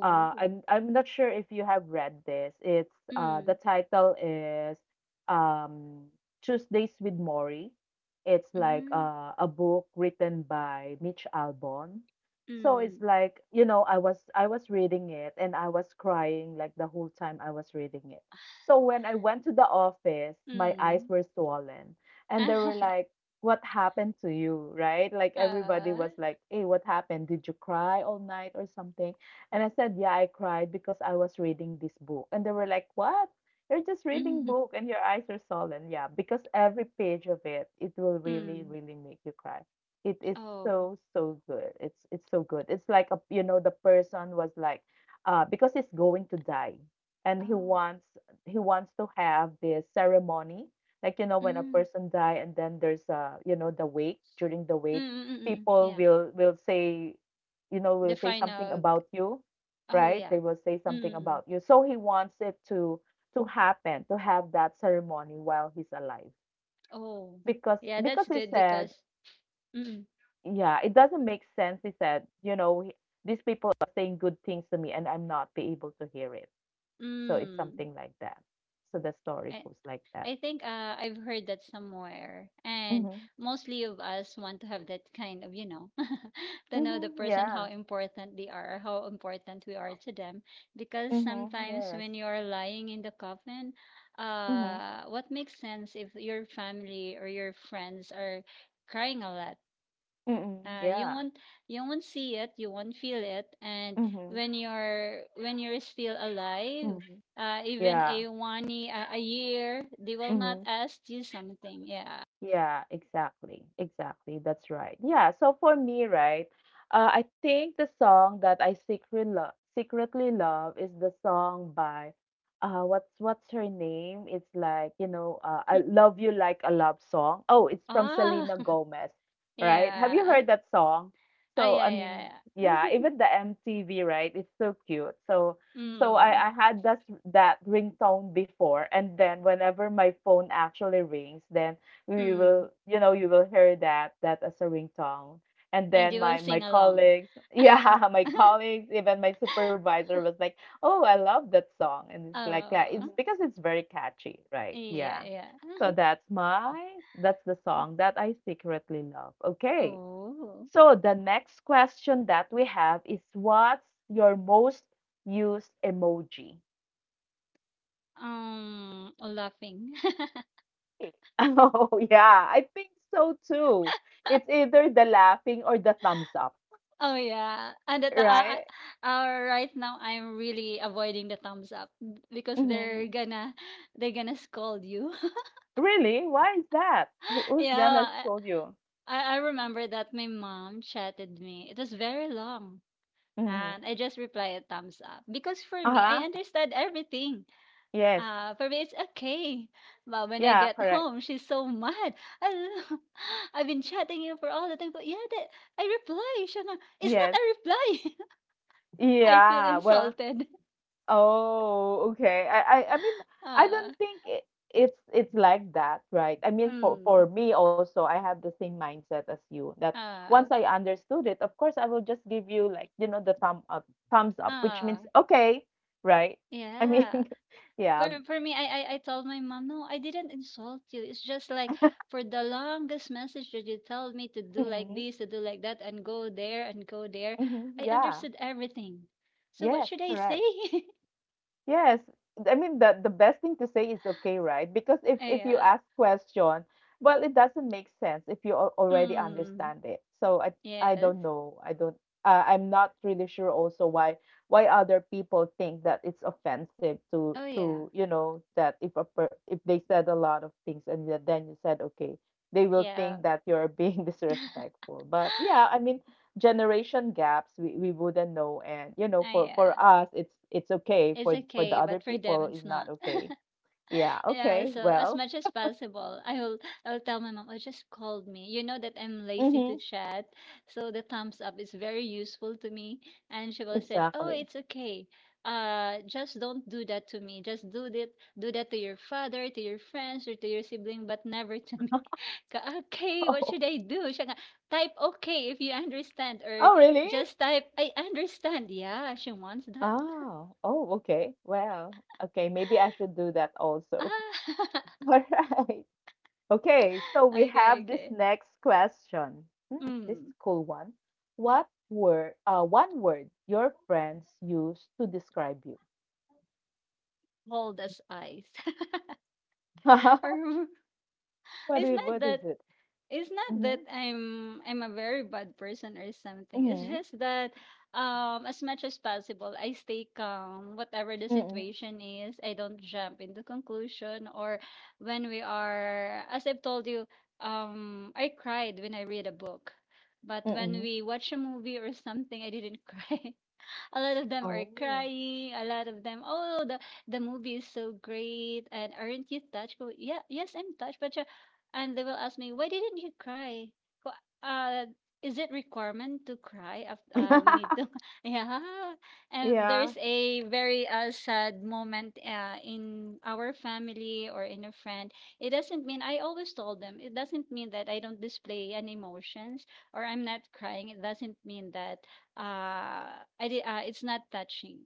[SPEAKER 1] I'm not sure if you have read this. It's the
[SPEAKER 2] Mm.
[SPEAKER 1] title is um, Tuesdays with Maury. It's like
[SPEAKER 2] Mm.
[SPEAKER 1] a book written by Mitch Albom. So it's
[SPEAKER 2] Mm.
[SPEAKER 1] like, you know, I was reading it and I was crying like the whole time I was reading it. So when I went to the office, my eyes
[SPEAKER 2] Mm.
[SPEAKER 1] were swollen and they were like what happened to you, right? Like everybody was
[SPEAKER 2] Uh.
[SPEAKER 1] like, "Hey, what happened? Did you cry all night or something?" And I said, "Yeah, I cried because I was reading this book." And they were like, "What? You're just reading
[SPEAKER 2] Mm.
[SPEAKER 1] book and your eyes are swollen." Yeah, because every page of it, it will really,
[SPEAKER 2] Mm.
[SPEAKER 1] really make you cry. It is
[SPEAKER 2] Oh.
[SPEAKER 1] so, so good. It's so good. It's like a, you know, the person was like, because he's going to die, and
[SPEAKER 2] Oh.
[SPEAKER 1] he wants to have this ceremony like, you know, when a
[SPEAKER 2] Mm.
[SPEAKER 1] person die and then there's you know, the wake, during the
[SPEAKER 2] Mm.
[SPEAKER 1] wake,
[SPEAKER 2] Mm. Mm, mm.
[SPEAKER 1] people
[SPEAKER 2] Yeah.
[SPEAKER 1] will say, you know,
[SPEAKER 2] The
[SPEAKER 1] will say something
[SPEAKER 2] final.
[SPEAKER 1] about you,
[SPEAKER 2] Oh
[SPEAKER 1] right?
[SPEAKER 2] yeah.
[SPEAKER 1] They will say something
[SPEAKER 2] Mm. Mm.
[SPEAKER 1] about you. So he wants it to happen, to have that ceremony while he's alive.
[SPEAKER 2] Oh. Yeah, that's
[SPEAKER 1] Because he
[SPEAKER 2] good because.
[SPEAKER 1] said,
[SPEAKER 2] Mm.
[SPEAKER 1] yeah, it doesn't make sense. He said, you know, these people are saying good things to me and I'm not be able to hear it. So it's
[SPEAKER 2] Mm.
[SPEAKER 1] something like that. So the story
[SPEAKER 2] I,
[SPEAKER 1] goes like that.
[SPEAKER 2] I think I've heard that somewhere, and
[SPEAKER 1] Mm-hmm.
[SPEAKER 2] mostly of us want to have that kind of, to know the
[SPEAKER 1] Mm-hmm.
[SPEAKER 2] person how
[SPEAKER 1] Yeah.
[SPEAKER 2] important they are, how important we are to them. Because
[SPEAKER 1] Mhm,
[SPEAKER 2] sometimes
[SPEAKER 1] yes.
[SPEAKER 2] when you are lying in the coffin,
[SPEAKER 1] Mhm,
[SPEAKER 2] what makes sense if your family or your friends are crying a lot?
[SPEAKER 1] mm,
[SPEAKER 2] Uh, you
[SPEAKER 1] yeah.
[SPEAKER 2] won't you won't see it, you won't feel it, and
[SPEAKER 1] Mhm,
[SPEAKER 2] when you're still alive,
[SPEAKER 1] mhm,
[SPEAKER 2] even
[SPEAKER 1] yeah.
[SPEAKER 2] a one ye- a year, they will not
[SPEAKER 1] Mhm.
[SPEAKER 2] ask you something. Yeah.
[SPEAKER 1] Yeah, exactly. Exactly. That's right. Yeah, so for me, right, I think the song that I secretly love is the song by what's her name? It's like, you know, I
[SPEAKER 2] Mm.
[SPEAKER 1] love you like a love song. Oh, it's from
[SPEAKER 2] Ah,
[SPEAKER 1] Selena Gomez, right? Have you
[SPEAKER 2] yeah.
[SPEAKER 1] heard that song?
[SPEAKER 2] Ah,
[SPEAKER 1] So,
[SPEAKER 2] yeah,
[SPEAKER 1] I
[SPEAKER 2] yeah,
[SPEAKER 1] mean,
[SPEAKER 2] yeah.
[SPEAKER 1] yeah, even the MTV, right? It's so cute. So, so
[SPEAKER 2] Mm,
[SPEAKER 1] I had that that ringtone before, and then whenever my phone actually rings, then we will
[SPEAKER 2] mm.
[SPEAKER 1] you know you will hear that that as a ringtone and
[SPEAKER 2] And
[SPEAKER 1] then
[SPEAKER 2] you
[SPEAKER 1] my
[SPEAKER 2] will
[SPEAKER 1] my
[SPEAKER 2] sing along.
[SPEAKER 1] colleagues yeah my colleagues even my supervisor was like oh I love that song and it's like yeah, it's
[SPEAKER 2] Oh,
[SPEAKER 1] because it's very catchy right
[SPEAKER 2] yeah,
[SPEAKER 1] yeah
[SPEAKER 2] yeah.
[SPEAKER 1] so that's my that's the song that I secretly love. Okay,
[SPEAKER 2] Oh,
[SPEAKER 1] so the next question that we have is what's your most used emoji?
[SPEAKER 2] laughing.
[SPEAKER 1] Oh, yeah, I think so too. It's either the laughing or the thumbs up,
[SPEAKER 2] Oh yeah, and that the
[SPEAKER 1] right?
[SPEAKER 2] right now I'm really avoiding the thumbs up because they're
[SPEAKER 1] Hmm.
[SPEAKER 2] gonna they're gonna scold you.
[SPEAKER 1] Really? Why is that? Who, who's gonna
[SPEAKER 2] Yeah,
[SPEAKER 1] scold you?
[SPEAKER 2] I remember that my mom chatted me. It was very long,
[SPEAKER 1] Hmm.
[SPEAKER 2] and I just replied thumbs up because for me I
[SPEAKER 1] Uh-huh.
[SPEAKER 2] understand everything.
[SPEAKER 1] Yes.
[SPEAKER 2] For me it's okay, but when I
[SPEAKER 1] Yeah,
[SPEAKER 2] get
[SPEAKER 1] correct.
[SPEAKER 2] home she's so mad. I have been chatting you for all the time, but yeah, that, I reply. Siya nga, it's not a
[SPEAKER 1] Yes.
[SPEAKER 2] reply. I feel
[SPEAKER 1] Yeah. Well,
[SPEAKER 2] insulted.
[SPEAKER 1] oh, okay. I mean, I
[SPEAKER 2] Ah,
[SPEAKER 1] don't think it's like that, right? I mean,
[SPEAKER 2] mm,
[SPEAKER 1] for me also, I have the same mindset as you that once
[SPEAKER 2] ah,
[SPEAKER 1] I understood it, of course, I will just give you like, you know, the thumb up, thumbs up, which means
[SPEAKER 2] ah,
[SPEAKER 1] okay, right? I mean,
[SPEAKER 2] yeah.
[SPEAKER 1] yeah.
[SPEAKER 2] For me, I told my mom, no, I didn't insult you. It's just like for the longest message that you told me to do like
[SPEAKER 1] Mm-hmm.
[SPEAKER 2] this, to do like that, and go there and go there.
[SPEAKER 1] Mm-hmm.
[SPEAKER 2] I
[SPEAKER 1] Yeah.
[SPEAKER 2] understood everything. So what
[SPEAKER 1] Yes,
[SPEAKER 2] should I say?
[SPEAKER 1] correct. Yes, I mean the best thing to say is okay, right? Because if you
[SPEAKER 2] Yeah.
[SPEAKER 1] ask question, well, it doesn't make sense if you already
[SPEAKER 2] Mm,
[SPEAKER 1] understand it. So I
[SPEAKER 2] yes.
[SPEAKER 1] don't know. I don't. I'm not really sure also why other people think that it's offensive
[SPEAKER 2] Oh yeah.
[SPEAKER 1] to you know that if a if they said a lot of things and yet then you said okay, they will
[SPEAKER 2] Yeah.
[SPEAKER 1] think that you're being disrespectful. But yeah, I mean generation gaps we wouldn't know. And you know,
[SPEAKER 2] Ah,
[SPEAKER 1] for
[SPEAKER 2] yeah.
[SPEAKER 1] for us it's okay,
[SPEAKER 2] It's
[SPEAKER 1] for the
[SPEAKER 2] okay,
[SPEAKER 1] other
[SPEAKER 2] but for them,
[SPEAKER 1] people is
[SPEAKER 2] it's
[SPEAKER 1] not
[SPEAKER 2] not.
[SPEAKER 1] okay. Yeah,
[SPEAKER 2] Yeah,
[SPEAKER 1] okay,
[SPEAKER 2] so as
[SPEAKER 1] well,
[SPEAKER 2] much as possible, I'll tell my mom, oh, just called me. You know that I'm lazy
[SPEAKER 1] mm-hmm,
[SPEAKER 2] to chat. So the thumbs up is very useful to me. And she will said, oh,
[SPEAKER 1] exactly.
[SPEAKER 2] it's okay. Just don't do that to me. Just do that to your father, to your friends, or to your sibling, but never to me. Ka- okay, what
[SPEAKER 1] Oh,
[SPEAKER 2] should I do? Siya nga, type okay if you understand, or
[SPEAKER 1] oh really,
[SPEAKER 2] just type I understand. Yeah, she wants that.
[SPEAKER 1] oh oh okay, well okay, maybe I should do that also.
[SPEAKER 2] Ah.
[SPEAKER 1] All right. Okay, so we
[SPEAKER 2] Okay,
[SPEAKER 1] have this
[SPEAKER 2] okay.
[SPEAKER 1] next question. Hmm, this is
[SPEAKER 2] Mm.
[SPEAKER 1] cool one. What were one word your friends used to describe you?
[SPEAKER 2] Cold as ice.
[SPEAKER 1] What
[SPEAKER 2] Or it's not
[SPEAKER 1] is
[SPEAKER 2] that
[SPEAKER 1] it?
[SPEAKER 2] it's not that
[SPEAKER 1] Mm-hmm.
[SPEAKER 2] I'm a very bad person or something. It's
[SPEAKER 1] Mhm,
[SPEAKER 2] just that as much as possible I stay calm whatever the
[SPEAKER 1] mm,
[SPEAKER 2] situation is. I don't jump into conclusion, or when we are as I've told you, I cried when I read a book. But when
[SPEAKER 1] mm.
[SPEAKER 2] we watch a movie or something, I didn't cry. A lot of them are
[SPEAKER 1] Oh.
[SPEAKER 2] crying. A lot of them, oh, the movie is so great, and aren't you touched? Go, yeah, yes, I'm touched, but and they will ask me, why didn't you cry? Ko, Uh, is it requirement to cry? We need to, yeah. And
[SPEAKER 1] Yeah.
[SPEAKER 2] there's a very sad moment in our family or in a friend. It doesn't mean I always told them. It doesn't mean that I don't display any emotions or I'm not crying. It doesn't mean that uh I did it's not touching.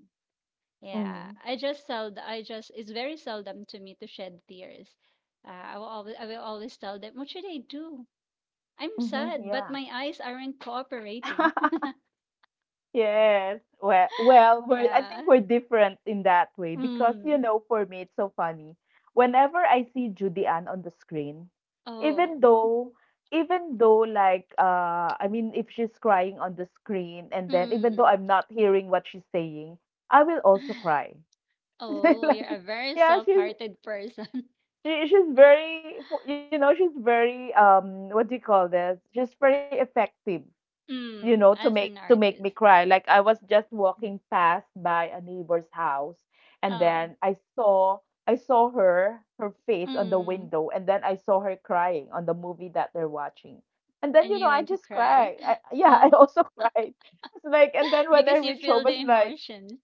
[SPEAKER 2] Yeah,
[SPEAKER 1] Mhm,
[SPEAKER 2] I just seld I just it's very seldom to me to shed tears. I will always tell them, what should I do? I'm
[SPEAKER 1] mhm,
[SPEAKER 2] sad, but
[SPEAKER 1] yeah.
[SPEAKER 2] my eyes aren't cooperating.
[SPEAKER 1] Yes. Well, well, we're, I
[SPEAKER 2] Yeah.
[SPEAKER 1] think we're different in that way because, you
[SPEAKER 2] Mm.
[SPEAKER 1] know, for me, it's so funny. Whenever I see Judy Ann on the screen, even
[SPEAKER 2] Oh.
[SPEAKER 1] though even though if she's crying on the screen and then even though
[SPEAKER 2] Mm.
[SPEAKER 1] I'm not hearing what she's saying, I will also cry.
[SPEAKER 2] Oh, you're
[SPEAKER 1] Like,
[SPEAKER 2] a very
[SPEAKER 1] yeah, she's.
[SPEAKER 2] soft-hearted person.
[SPEAKER 1] She's very, you know, she's very what do you call this? She's very effective, you know,
[SPEAKER 2] Mm. As an
[SPEAKER 1] to make me
[SPEAKER 2] artist.
[SPEAKER 1] cry. Like I was just walking past by a neighbor's house and
[SPEAKER 2] Oh.
[SPEAKER 1] then I saw, I saw her face on the
[SPEAKER 2] Mm.
[SPEAKER 1] window and then I saw her crying on the movie that they're watching. And then
[SPEAKER 2] And
[SPEAKER 1] you know
[SPEAKER 2] you
[SPEAKER 1] I
[SPEAKER 2] want to
[SPEAKER 1] just
[SPEAKER 2] cry.
[SPEAKER 1] cried, I, yeah, I
[SPEAKER 2] Oh.
[SPEAKER 1] also cried. It's like, and then when I
[SPEAKER 2] Because you
[SPEAKER 1] reached
[SPEAKER 2] feel
[SPEAKER 1] home
[SPEAKER 2] the
[SPEAKER 1] it's like,
[SPEAKER 2] emotion.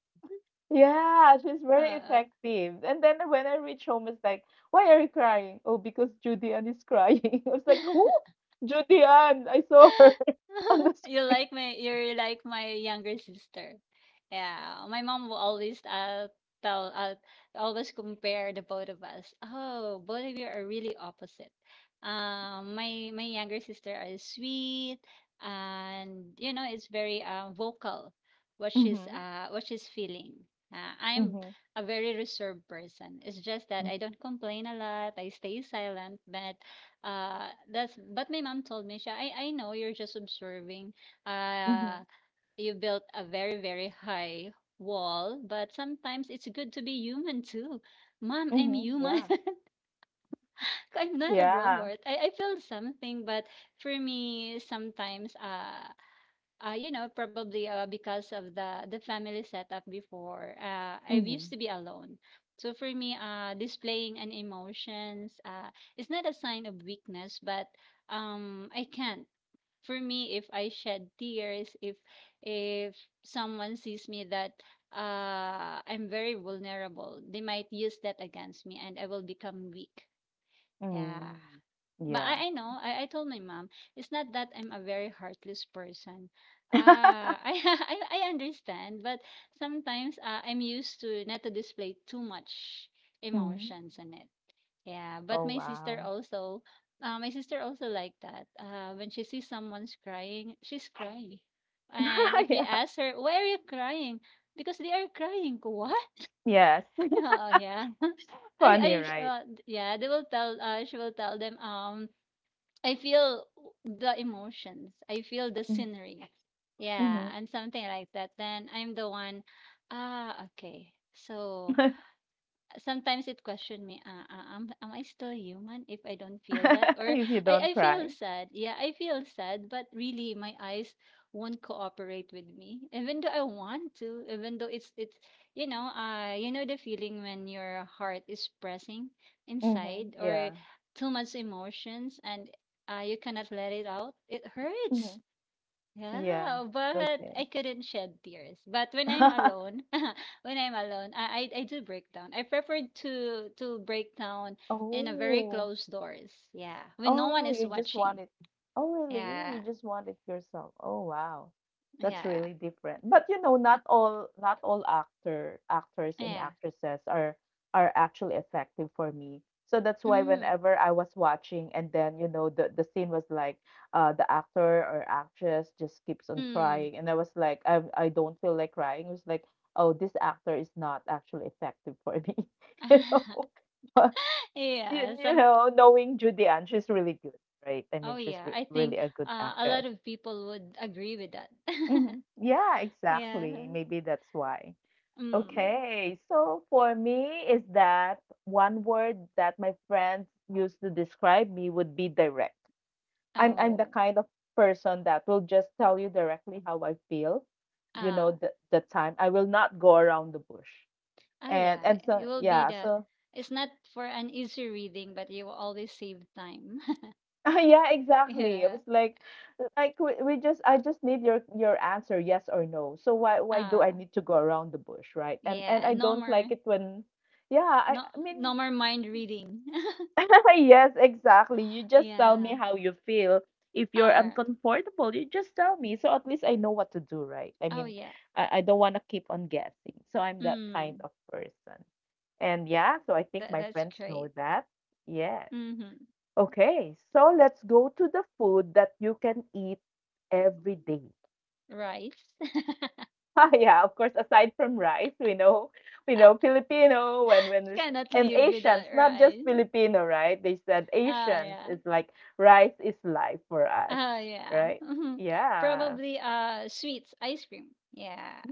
[SPEAKER 1] yeah, she's very
[SPEAKER 2] uh
[SPEAKER 1] effective. And then when I reach home, it's like, why are you crying? Oh, because Judy Ann is crying. I was like, who? Judy Ann. I saw her on the
[SPEAKER 2] you're like my younger sister. Yeah, my mom will always tell always compare the both of us. Oh, both of you are really opposite. My younger sister is sweet, and is very vocal what
[SPEAKER 1] screen.
[SPEAKER 2] she's
[SPEAKER 1] Mm-hmm.
[SPEAKER 2] uh what she's feeling. I'm
[SPEAKER 1] Mm-hmm.
[SPEAKER 2] a very reserved person. It's just that I don't complain a lot. I stay silent, but my mom told me, "Siya, I know you're just observing. Uh,
[SPEAKER 1] Mm-hmm.
[SPEAKER 2] you built a very very high wall, but sometimes it's good to be human too." Mom, I'm
[SPEAKER 1] Mm-hmm.
[SPEAKER 2] human.
[SPEAKER 1] Yeah.
[SPEAKER 2] I'm not a
[SPEAKER 1] Yeah.
[SPEAKER 2] robot. I feel something, but for me, sometimes probably because of the family setup before. I used to
[SPEAKER 1] Mm-hmm.
[SPEAKER 2] be alone. So for me, displaying an emotions is not a sign of weakness, but I can't. For me, if I shed tears, if someone sees me that I'm very vulnerable, they might use that against me, and I will become weak. Yeah.
[SPEAKER 1] Mm.
[SPEAKER 2] But
[SPEAKER 1] Yeah.
[SPEAKER 2] I know, I told my mom, it's not that I'm a very heartless person. Uh, I understand, but sometimes I'm used to not to display too much
[SPEAKER 1] Mm.
[SPEAKER 2] emotions in it. Yeah, but
[SPEAKER 1] Oh,
[SPEAKER 2] my sister
[SPEAKER 1] wow.
[SPEAKER 2] also, uh, my sister also like that. When she sees someone's crying, she's crying. And if you
[SPEAKER 1] Yeah.
[SPEAKER 2] ask her, why are you crying? Because they are crying. What?
[SPEAKER 1] Yes.
[SPEAKER 2] Oh, yeah.
[SPEAKER 1] Funny,
[SPEAKER 2] I, I,
[SPEAKER 1] right?
[SPEAKER 2] uh, yeah, she will tell them, I feel the emotions. I feel the scenery. Yeah,
[SPEAKER 1] Mm-hmm.
[SPEAKER 2] and something like that. Then I'm the one, ah, okay. So sometimes it questioned me, am I still human if I don't feel that, or
[SPEAKER 1] If you
[SPEAKER 2] I,
[SPEAKER 1] don't
[SPEAKER 2] I
[SPEAKER 1] cry.
[SPEAKER 2] feel sad. Yeah, I feel sad, but really my eyes won't cooperate with me, even though I want to, even though it's you know the feeling when your heart is pressing
[SPEAKER 1] Mm-hmm.
[SPEAKER 2] inside, or
[SPEAKER 1] Yeah.
[SPEAKER 2] too much emotions and you cannot let it out. It
[SPEAKER 1] Mm-hmm.
[SPEAKER 2] hurts.
[SPEAKER 1] Yeah.
[SPEAKER 2] Yeah, but
[SPEAKER 1] Okay.
[SPEAKER 2] I couldn't shed tears. But when I'm alone, when I'm alone, I do break down. I prefer to break down in a very
[SPEAKER 1] Oh.
[SPEAKER 2] closed doors. Yeah, when no
[SPEAKER 1] Oh,
[SPEAKER 2] one is
[SPEAKER 1] you just want
[SPEAKER 2] watching.
[SPEAKER 1] it. Oh, really? You
[SPEAKER 2] Yeah,
[SPEAKER 1] just want it yourself. Oh, wow. That's
[SPEAKER 2] yeah,
[SPEAKER 1] really different. But you know, not all actors and
[SPEAKER 2] yeah.
[SPEAKER 1] actresses are actually effective for me. So that's why
[SPEAKER 2] Mm,
[SPEAKER 1] whenever I was watching, and then you know the scene was like the actor or actress just keeps on
[SPEAKER 2] mm.
[SPEAKER 1] crying and I was like, I don't feel like crying. It was like, oh, this actor is not actually effective for me. You know? you,
[SPEAKER 2] Yeah.
[SPEAKER 1] you
[SPEAKER 2] Some.
[SPEAKER 1] know, knowing Judy Ann, she's really good, right? I mean,
[SPEAKER 2] Oh
[SPEAKER 1] she's
[SPEAKER 2] yeah. I
[SPEAKER 1] really
[SPEAKER 2] think
[SPEAKER 1] a good
[SPEAKER 2] a
[SPEAKER 1] actress.
[SPEAKER 2] lot of people would agree with that.
[SPEAKER 1] Hmm, yeah,
[SPEAKER 2] Yeah.
[SPEAKER 1] exactly. Maybe that's why.
[SPEAKER 2] Mm.
[SPEAKER 1] Okay, so for me, is that one word that my friends used to describe me would be direct. I'm the
[SPEAKER 2] Oh.
[SPEAKER 1] kind of person that will just tell you directly how I feel. You know,
[SPEAKER 2] Ah.
[SPEAKER 1] the time I will not go around the bush.
[SPEAKER 2] Ah,
[SPEAKER 1] And
[SPEAKER 2] yeah.
[SPEAKER 1] and so
[SPEAKER 2] It will be
[SPEAKER 1] yeah,
[SPEAKER 2] the.
[SPEAKER 1] so
[SPEAKER 2] It's not for an easy reading, but you will always save time.
[SPEAKER 1] yeah, exactly. I
[SPEAKER 2] Yeah.
[SPEAKER 1] was like we just I just need your answer, yes or no. So why do I
[SPEAKER 2] Ah.
[SPEAKER 1] need to go around the bush, right? And
[SPEAKER 2] Yeah.
[SPEAKER 1] I
[SPEAKER 2] No
[SPEAKER 1] don't
[SPEAKER 2] more.
[SPEAKER 1] like it when, yeah, I,
[SPEAKER 2] No.
[SPEAKER 1] I mean,
[SPEAKER 2] No more mind reading.
[SPEAKER 1] yes, exactly. You just tell me
[SPEAKER 2] Yeah.
[SPEAKER 1] how you feel. If you're
[SPEAKER 2] Ah.
[SPEAKER 1] uncomfortable, you just tell me. So at least I know what to do, right? I
[SPEAKER 2] Oh
[SPEAKER 1] mean,
[SPEAKER 2] yeah.
[SPEAKER 1] I don't want to keep on guessing. So I'm that kind
[SPEAKER 2] Mm.
[SPEAKER 1] of person. And yeah, so I think
[SPEAKER 2] That
[SPEAKER 1] my
[SPEAKER 2] that's
[SPEAKER 1] friends know
[SPEAKER 2] great.
[SPEAKER 1] that. Yes.
[SPEAKER 2] Mm-hmm.
[SPEAKER 1] Okay, so let's go to the food that you can eat every day.
[SPEAKER 2] Rice.
[SPEAKER 1] Yeah, of course. Aside from rice, we know Filipino and when this,
[SPEAKER 2] Cannot
[SPEAKER 1] and
[SPEAKER 2] live
[SPEAKER 1] Asians,
[SPEAKER 2] without
[SPEAKER 1] not just
[SPEAKER 2] rice.
[SPEAKER 1] Filipino, right? They said
[SPEAKER 2] Ah
[SPEAKER 1] Asians
[SPEAKER 2] yeah.
[SPEAKER 1] is like rice is life for us,
[SPEAKER 2] Ah yeah.
[SPEAKER 1] right?
[SPEAKER 2] Mhm.
[SPEAKER 1] Yeah.
[SPEAKER 2] Probably sweets, ice cream. Yeah.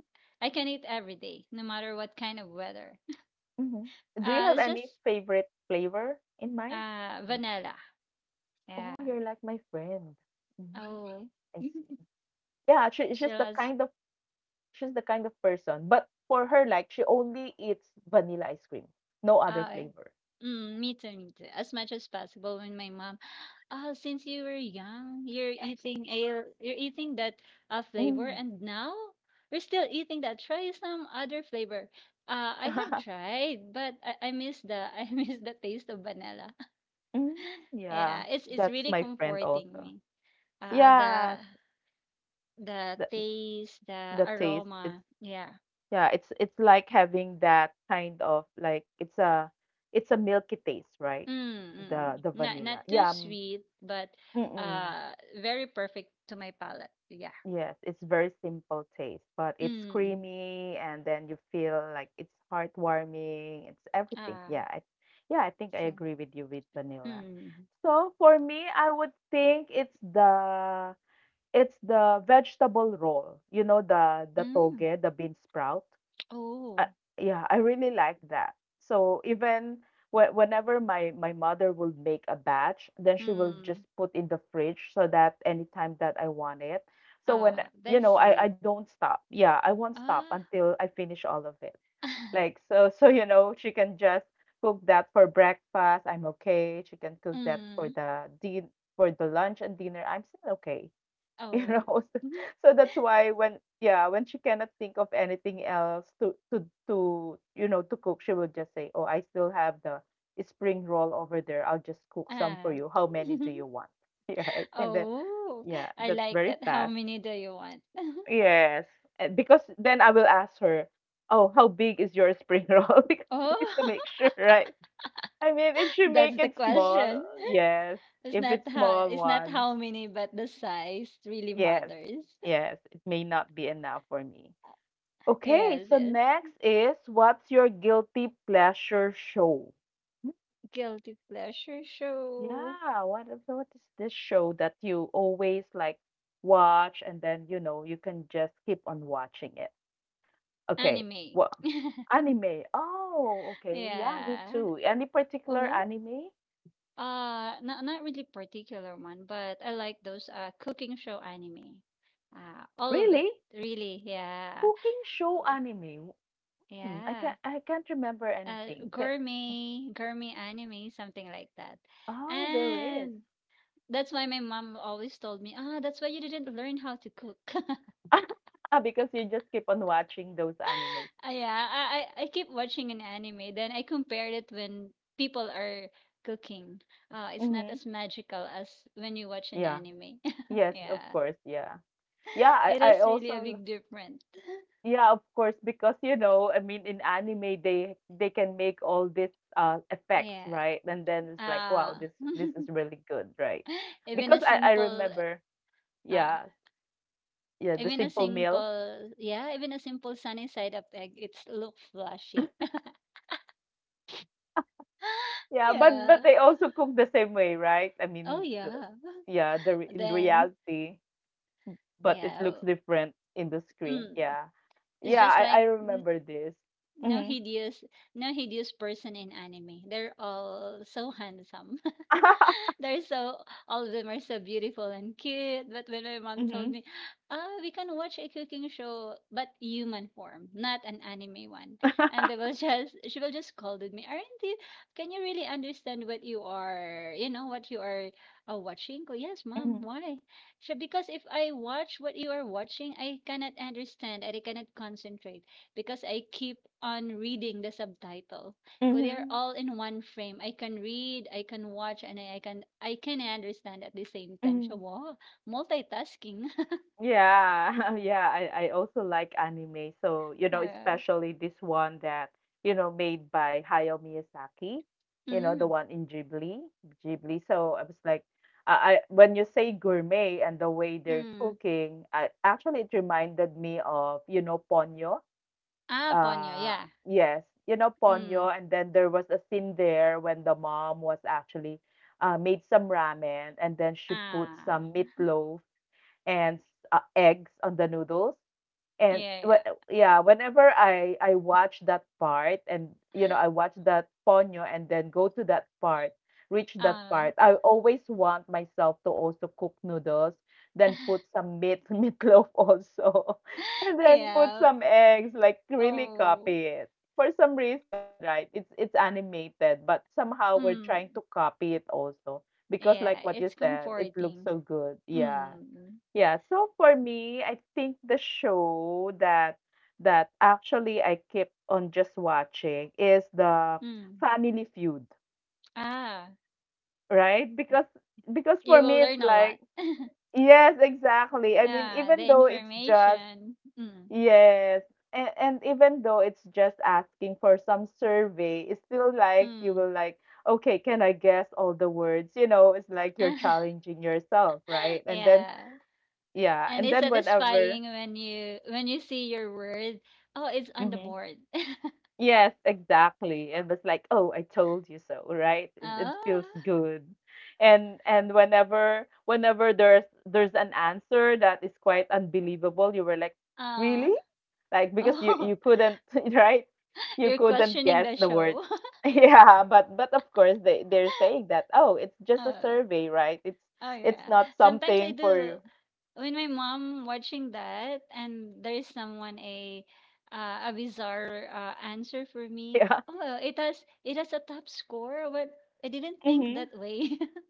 [SPEAKER 2] I can eat every day, no matter what kind of weather.
[SPEAKER 1] Hmm, do you
[SPEAKER 2] Uh,
[SPEAKER 1] have
[SPEAKER 2] it's
[SPEAKER 1] any
[SPEAKER 2] just
[SPEAKER 1] favorite flavor in mind? Like,
[SPEAKER 2] Vanilla.
[SPEAKER 1] oh,
[SPEAKER 2] Yeah.
[SPEAKER 1] you're like my friend. Mhm.
[SPEAKER 2] Oh.
[SPEAKER 1] I see. Yeah, it's
[SPEAKER 2] She
[SPEAKER 1] just the
[SPEAKER 2] loves
[SPEAKER 1] kind of, she's the kind of person. But for her, like she only eats vanilla ice cream, no other
[SPEAKER 2] uh
[SPEAKER 1] flavor.
[SPEAKER 2] me too, me too. As much as possible when my mom since you were young, you're eating ale you're eating that flavor
[SPEAKER 1] Mm.
[SPEAKER 2] and now we're still eating that. Try some other flavor. I have tried, but I miss the I miss the taste of vanilla.
[SPEAKER 1] Mm. Yeah.
[SPEAKER 2] Yeah, it's
[SPEAKER 1] That's
[SPEAKER 2] really
[SPEAKER 1] my friend
[SPEAKER 2] comforting
[SPEAKER 1] also.
[SPEAKER 2] me. Uh the
[SPEAKER 1] Yeah,
[SPEAKER 2] the
[SPEAKER 1] the
[SPEAKER 2] taste, the
[SPEAKER 1] taste. It's,
[SPEAKER 2] aroma. Yeah.
[SPEAKER 1] yeah, it's like having that kind of like it's a, it's a milky taste, right? The
[SPEAKER 2] Mm. Not
[SPEAKER 1] vanilla.
[SPEAKER 2] not
[SPEAKER 1] Yeah.
[SPEAKER 2] too sweet, but
[SPEAKER 1] Mm-mm.
[SPEAKER 2] uh very perfect to my palate. Yeah.
[SPEAKER 1] Yes, it's very simple taste, but
[SPEAKER 2] Mm.
[SPEAKER 1] it's
[SPEAKER 2] mm.
[SPEAKER 1] creamy and then you feel like it's heartwarming. It's everything.
[SPEAKER 2] Ah,
[SPEAKER 1] Yeah, I think I
[SPEAKER 2] so
[SPEAKER 1] agree with you with vanilla.
[SPEAKER 2] mm.
[SPEAKER 1] So for me, I would think it's the, it's the vegetable roll. You know, the
[SPEAKER 2] Mm.
[SPEAKER 1] toge, the bean sprout. Uh,
[SPEAKER 2] Oh.
[SPEAKER 1] yeah, I really like that. So even whenever my mother will make a batch, then she will just
[SPEAKER 2] Mm.
[SPEAKER 1] put in the fridge so that anytime that I want it. So when,
[SPEAKER 2] Ah,
[SPEAKER 1] you
[SPEAKER 2] that's
[SPEAKER 1] know, I
[SPEAKER 2] sweet.
[SPEAKER 1] don't stop. Yeah, I won't stop
[SPEAKER 2] Ah.
[SPEAKER 1] until I finish all of it. Like, so so you know, she can just cook that for breakfast. I'm okay. She can cook that for
[SPEAKER 2] mm.
[SPEAKER 1] the din for the lunch and dinner. I'm still okay. You know,
[SPEAKER 2] Oh.
[SPEAKER 1] so, so that's why when, yeah, when she cannot think of anything else to you know to cook, she will just say, oh, I still have the spring roll over there, I'll just cook some for
[SPEAKER 2] Ah.
[SPEAKER 1] you, how many do you want? Yeah, right. And then
[SPEAKER 2] Oh,
[SPEAKER 1] yeah,
[SPEAKER 2] I
[SPEAKER 1] that's
[SPEAKER 2] like
[SPEAKER 1] very
[SPEAKER 2] that. How
[SPEAKER 1] fast.
[SPEAKER 2] many do you want?
[SPEAKER 1] Yes. Because then I will ask her, oh, how big is your spring roll? Because I
[SPEAKER 2] Oh,
[SPEAKER 1] need to make sure, right? I mean, if she
[SPEAKER 2] that's
[SPEAKER 1] make
[SPEAKER 2] the
[SPEAKER 1] it small,
[SPEAKER 2] question.
[SPEAKER 1] yes,
[SPEAKER 2] It's
[SPEAKER 1] if
[SPEAKER 2] not
[SPEAKER 1] it's
[SPEAKER 2] how,
[SPEAKER 1] small
[SPEAKER 2] it's not
[SPEAKER 1] one,
[SPEAKER 2] how many, but the size really
[SPEAKER 1] yes,
[SPEAKER 2] matters.
[SPEAKER 1] yes, it may not be enough for me. Okay,
[SPEAKER 2] Yes,
[SPEAKER 1] so
[SPEAKER 2] yes.
[SPEAKER 1] next is, what's your guilty pleasure show?
[SPEAKER 2] Guilty pleasure show:
[SPEAKER 1] Yeah, what what is this show that you always like watch and then you know you can just keep on watching it? Okay,
[SPEAKER 2] anime.
[SPEAKER 1] well, anime. Oh, okay, yeah, me
[SPEAKER 2] Yeah.
[SPEAKER 1] too. Any particular
[SPEAKER 2] Oh,
[SPEAKER 1] anime?
[SPEAKER 2] not really particular one, but I like those cooking show anime. All of it
[SPEAKER 1] Really?
[SPEAKER 2] really. Yeah.
[SPEAKER 1] Cooking show
[SPEAKER 2] Uh,
[SPEAKER 1] anime? Hmm, I
[SPEAKER 2] Yeah.
[SPEAKER 1] can, I can't remember anything.
[SPEAKER 2] Gourmet, gourmet anime, something like that.
[SPEAKER 1] Oh, there is.
[SPEAKER 2] And that's why my mom always told me, ah, that's why you didn't learn how to cook.
[SPEAKER 1] Because you just keep on watching those anime.
[SPEAKER 2] Ah, yeah, I keep watching an anime, then I compare it when people are cooking. It's not
[SPEAKER 1] Mm-hmm.
[SPEAKER 2] as magical as when you watch an
[SPEAKER 1] Yeah.
[SPEAKER 2] anime.
[SPEAKER 1] Yes, of
[SPEAKER 2] Yeah,
[SPEAKER 1] course, yeah. Yeah,
[SPEAKER 2] it
[SPEAKER 1] I
[SPEAKER 2] is really a
[SPEAKER 1] also,
[SPEAKER 2] big difference.
[SPEAKER 1] yeah, of course, because you know, I mean in anime they can make all these effects,
[SPEAKER 2] Yeah.
[SPEAKER 1] right? And then it's like, wow,
[SPEAKER 2] Ah,
[SPEAKER 1] this is really good, right?
[SPEAKER 2] even
[SPEAKER 1] Because
[SPEAKER 2] a
[SPEAKER 1] I
[SPEAKER 2] simple,
[SPEAKER 1] remember,
[SPEAKER 2] uh,
[SPEAKER 1] yeah, yeah, the simple meal.
[SPEAKER 2] even a simple sunny side up egg, it's look flashy.
[SPEAKER 1] Yeah,
[SPEAKER 2] yeah.
[SPEAKER 1] but they also cook the same way, right? I
[SPEAKER 2] Oh
[SPEAKER 1] mean,
[SPEAKER 2] yeah.
[SPEAKER 1] yeah, the in
[SPEAKER 2] Then
[SPEAKER 1] reality, but it looks
[SPEAKER 2] yeah.
[SPEAKER 1] different in the screen.
[SPEAKER 2] Mm.
[SPEAKER 1] Yeah.
[SPEAKER 2] It's
[SPEAKER 1] Yeah,
[SPEAKER 2] just
[SPEAKER 1] I
[SPEAKER 2] like mm,
[SPEAKER 1] remember this.
[SPEAKER 2] no
[SPEAKER 1] Mhm.
[SPEAKER 2] hideous, no hideous person in anime. They're all so handsome. They're so All of them are so beautiful and cute. But when my mom told
[SPEAKER 1] Mhm.
[SPEAKER 2] me, "Ah, we can watch a cooking show, but human form, not an anime one," and they will just she will just scolded me. Aren't you? Can you really understand what you are? You know what you are watching? Oh, yes, mom.
[SPEAKER 1] Mhm.
[SPEAKER 2] Why? She because if I watch what you are watching, I cannot understand and I cannot concentrate because I keep on reading the subtitle. Cause they're
[SPEAKER 1] Mhm.
[SPEAKER 2] all in one frame. I can read, I can watch, and I can understand at the same time. So
[SPEAKER 1] Mhm.
[SPEAKER 2] wow, multitasking.
[SPEAKER 1] Yeah, yeah, I also like anime. So, you know,
[SPEAKER 2] yeah.
[SPEAKER 1] especially this one that, you know, made by Hayao Miyazaki, you know, the
[SPEAKER 2] Mm.
[SPEAKER 1] one in Ghibli, Ghibli. So I was like, I when you say gourmet and the way they're
[SPEAKER 2] Mm.
[SPEAKER 1] cooking, I actually it reminded me of, you know, Ponyo.
[SPEAKER 2] Ah, Ponyo,
[SPEAKER 1] Uh,
[SPEAKER 2] yeah.
[SPEAKER 1] yes, you know, Ponyo.
[SPEAKER 2] Mm.
[SPEAKER 1] And then there was a scene there when the mom was actually made some ramen and then she put
[SPEAKER 2] Ah.
[SPEAKER 1] some meatloaf and eggs on the noodles. And
[SPEAKER 2] Yeah, yeah.
[SPEAKER 1] yeah, whenever I watch that part, and you know I watch that ponyo, and then go to that part, reach that
[SPEAKER 2] Ah.
[SPEAKER 1] part, I always want myself to also cook noodles, then put some meat meatloaf also, and then put
[SPEAKER 2] yeah.
[SPEAKER 1] some eggs, like really
[SPEAKER 2] Oh.
[SPEAKER 1] copy it. For some reason, right? It's animated, but somehow we're
[SPEAKER 2] Mm.
[SPEAKER 1] trying to copy it also because
[SPEAKER 2] Yeah,
[SPEAKER 1] like what
[SPEAKER 2] it's
[SPEAKER 1] you said, it looks
[SPEAKER 2] comforting.
[SPEAKER 1] so good. Yeah.
[SPEAKER 2] Mm.
[SPEAKER 1] Yeah, so for me, I think the show that actually I kept on just watching is the
[SPEAKER 2] Mm.
[SPEAKER 1] Family Feud,
[SPEAKER 2] Ah.
[SPEAKER 1] right? Because
[SPEAKER 2] You
[SPEAKER 1] for
[SPEAKER 2] will
[SPEAKER 1] me
[SPEAKER 2] learn
[SPEAKER 1] it's
[SPEAKER 2] a lot.
[SPEAKER 1] like, yes, exactly. I mean,
[SPEAKER 2] Ah, the
[SPEAKER 1] even though it's just,
[SPEAKER 2] information. Mm.
[SPEAKER 1] yes, and even though it's just asking for some survey, it's still like you
[SPEAKER 2] Mm.
[SPEAKER 1] will like, okay, can I guess all the words? You know, it's like you're challenging yourself, right? And then
[SPEAKER 2] yeah.
[SPEAKER 1] yeah,
[SPEAKER 2] And
[SPEAKER 1] and
[SPEAKER 2] it's
[SPEAKER 1] then whenever.
[SPEAKER 2] satisfying when you, when you see your word, oh, it's on the
[SPEAKER 1] Mhm.
[SPEAKER 2] board.
[SPEAKER 1] Yes, exactly. And it's like, oh, I told you so, right? It feels
[SPEAKER 2] Oh.
[SPEAKER 1] good. And whenever, whenever there's an answer that is quite unbelievable, you were like,
[SPEAKER 2] uh,
[SPEAKER 1] really? Like because you
[SPEAKER 2] oh.
[SPEAKER 1] you couldn't, right? You
[SPEAKER 2] You're
[SPEAKER 1] couldn't
[SPEAKER 2] questioning
[SPEAKER 1] guess
[SPEAKER 2] the
[SPEAKER 1] the word.
[SPEAKER 2] show.
[SPEAKER 1] Yeah, but of course they they're saying that, oh, it's just a
[SPEAKER 2] Oh.
[SPEAKER 1] survey, right? It's
[SPEAKER 2] Oh
[SPEAKER 1] it's
[SPEAKER 2] yeah,
[SPEAKER 1] not
[SPEAKER 2] sometimes I
[SPEAKER 1] something for
[SPEAKER 2] do,
[SPEAKER 1] you.
[SPEAKER 2] when my mom watching that and there's someone a bizarre answer for me. Oh, it has, it has a top score but I didn't think
[SPEAKER 1] Yeah.
[SPEAKER 2] that way.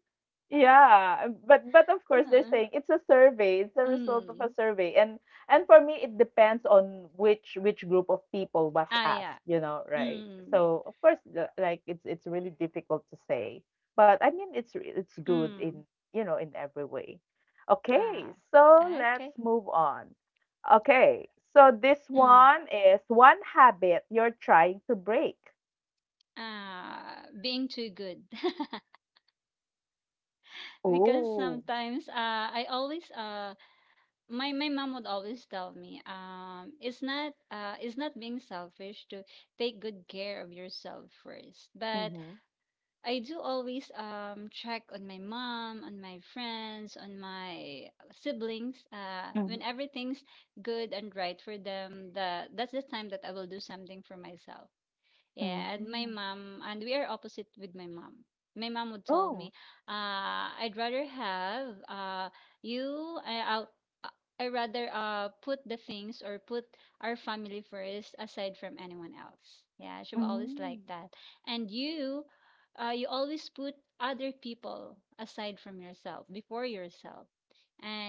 [SPEAKER 1] Yeah, but of course they're
[SPEAKER 2] Huh.
[SPEAKER 1] saying it's a survey, it's a result of a
[SPEAKER 2] Mm.
[SPEAKER 1] survey. And for me it depends on which group of people was
[SPEAKER 2] Ah yeah.
[SPEAKER 1] asked, you know, right?
[SPEAKER 2] Mm.
[SPEAKER 1] So of course like it's really difficult to say. But I mean it's it's good
[SPEAKER 2] Mm.
[SPEAKER 1] in, you know, in every way. Okay,
[SPEAKER 2] Ah.
[SPEAKER 1] so let's
[SPEAKER 2] Okay.
[SPEAKER 1] move on. Okay. So this
[SPEAKER 2] Mm.
[SPEAKER 1] one is, one habit you're trying to break.
[SPEAKER 2] Ah, being too good. Because
[SPEAKER 1] Oh.
[SPEAKER 2] sometimes I always my my mom would always tell me it's not, it's not being selfish to take good care of yourself first. But
[SPEAKER 1] Mm-hmm.
[SPEAKER 2] I do always check on my mom, on my friends, on my siblings.
[SPEAKER 1] Mm-hmm.
[SPEAKER 2] When everything's good and right for them, the that's the time that I will do something for myself. Yeah, and my
[SPEAKER 1] Mm.
[SPEAKER 2] mom, and we are opposite with my mom. My mom would tell
[SPEAKER 1] Oh.
[SPEAKER 2] me, I'd rather have you, I, I'll, uh, I rather put the things or put our family first aside from anyone else. Yeah, she was always like
[SPEAKER 1] Hmm,
[SPEAKER 2] that. And you, you always put other people aside from yourself, before yourself.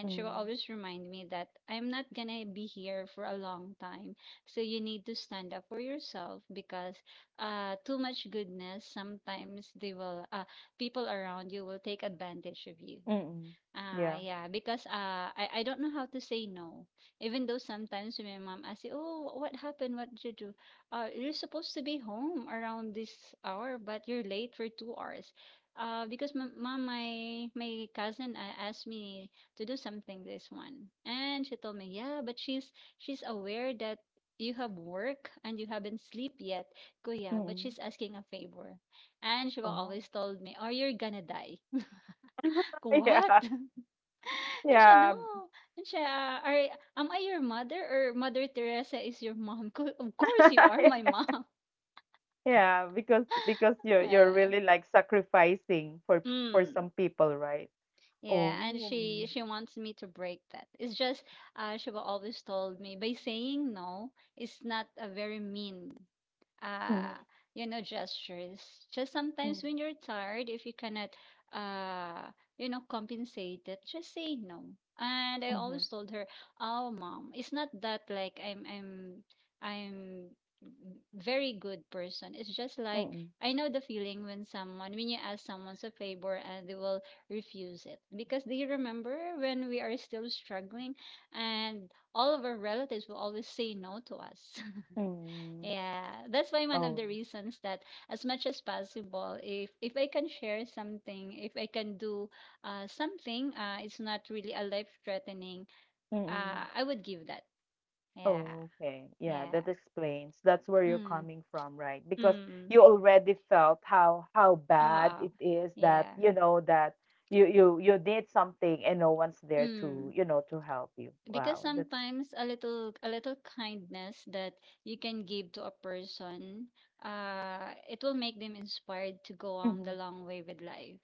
[SPEAKER 1] hmm,
[SPEAKER 2] she will
[SPEAKER 1] mm.
[SPEAKER 2] always remind me that I'm not gonna be here for a long time. So you need to stand up for yourself because too much goodness, sometimes they will, people around you will take advantage of you.
[SPEAKER 1] Mm-mm.
[SPEAKER 2] Ah,
[SPEAKER 1] Yeah.
[SPEAKER 2] yeah, because I don't know how to say no. Even though sometimes when my mom asks, you, "Oh, what happened? What did you do? You're supposed to be home around this hour, but you're late for 2 hours." Because my mom, my cousin asked me to do something this one, and she told me, "Yeah, but she's aware that you have work and you haven't sleep yet, kuya, but
[SPEAKER 1] Mm.
[SPEAKER 2] she's asking a favor." And she will
[SPEAKER 1] Oh.
[SPEAKER 2] always told me, "Oh, you're gonna die." What?
[SPEAKER 1] Yeah,
[SPEAKER 2] And siya,
[SPEAKER 1] yeah.
[SPEAKER 2] no. And siya, are, am I your mother or Mother Teresa is your mom? Co- of course you are my mom.
[SPEAKER 1] Yeah, because you're
[SPEAKER 2] Uh,
[SPEAKER 1] really, like, sacrificing for
[SPEAKER 2] mm,
[SPEAKER 1] some people, right?
[SPEAKER 2] yeah, and
[SPEAKER 1] Oh.
[SPEAKER 2] she wants me to break that. It's just she will always told me by saying no, it's not a very mean
[SPEAKER 1] Mm,
[SPEAKER 2] uh, you know, gestures. Just
[SPEAKER 1] mm,
[SPEAKER 2] sometimes when you're tired, if you cannot, uh, you know, compensate it, just say no. And I
[SPEAKER 1] mhm,
[SPEAKER 2] always told her, "Oh, mom, it's not that like I'm very good person. It's just
[SPEAKER 1] mm,
[SPEAKER 2] like
[SPEAKER 1] mm.
[SPEAKER 2] I know the feeling when someone, when you ask someone a favor and they will refuse it because they remember when we are still struggling and all of our relatives will always say no to us."
[SPEAKER 1] Mm.
[SPEAKER 2] Yeah, that's why one of
[SPEAKER 1] Oh.
[SPEAKER 2] the reasons that as much as possible, if I can share something, if I can do something, it's not really a life threatening,
[SPEAKER 1] Mm.
[SPEAKER 2] I would give that. Yeah.
[SPEAKER 1] Oh, okay. Yeah,
[SPEAKER 2] Yeah.
[SPEAKER 1] that explains. That's where you're
[SPEAKER 2] Mm.
[SPEAKER 1] coming from, right? Because
[SPEAKER 2] Mm.
[SPEAKER 1] you already felt how bad
[SPEAKER 2] Ah.
[SPEAKER 1] it is that,
[SPEAKER 2] Yeah.
[SPEAKER 1] you know, that you you did something and no one's there to,
[SPEAKER 2] Mm.
[SPEAKER 1] you know, to help you.
[SPEAKER 2] Because
[SPEAKER 1] Wow. That's.
[SPEAKER 2] sometimes a little kindness that you can give to a person, it will make them inspired to go on the
[SPEAKER 1] Mhm.
[SPEAKER 2] long way with life.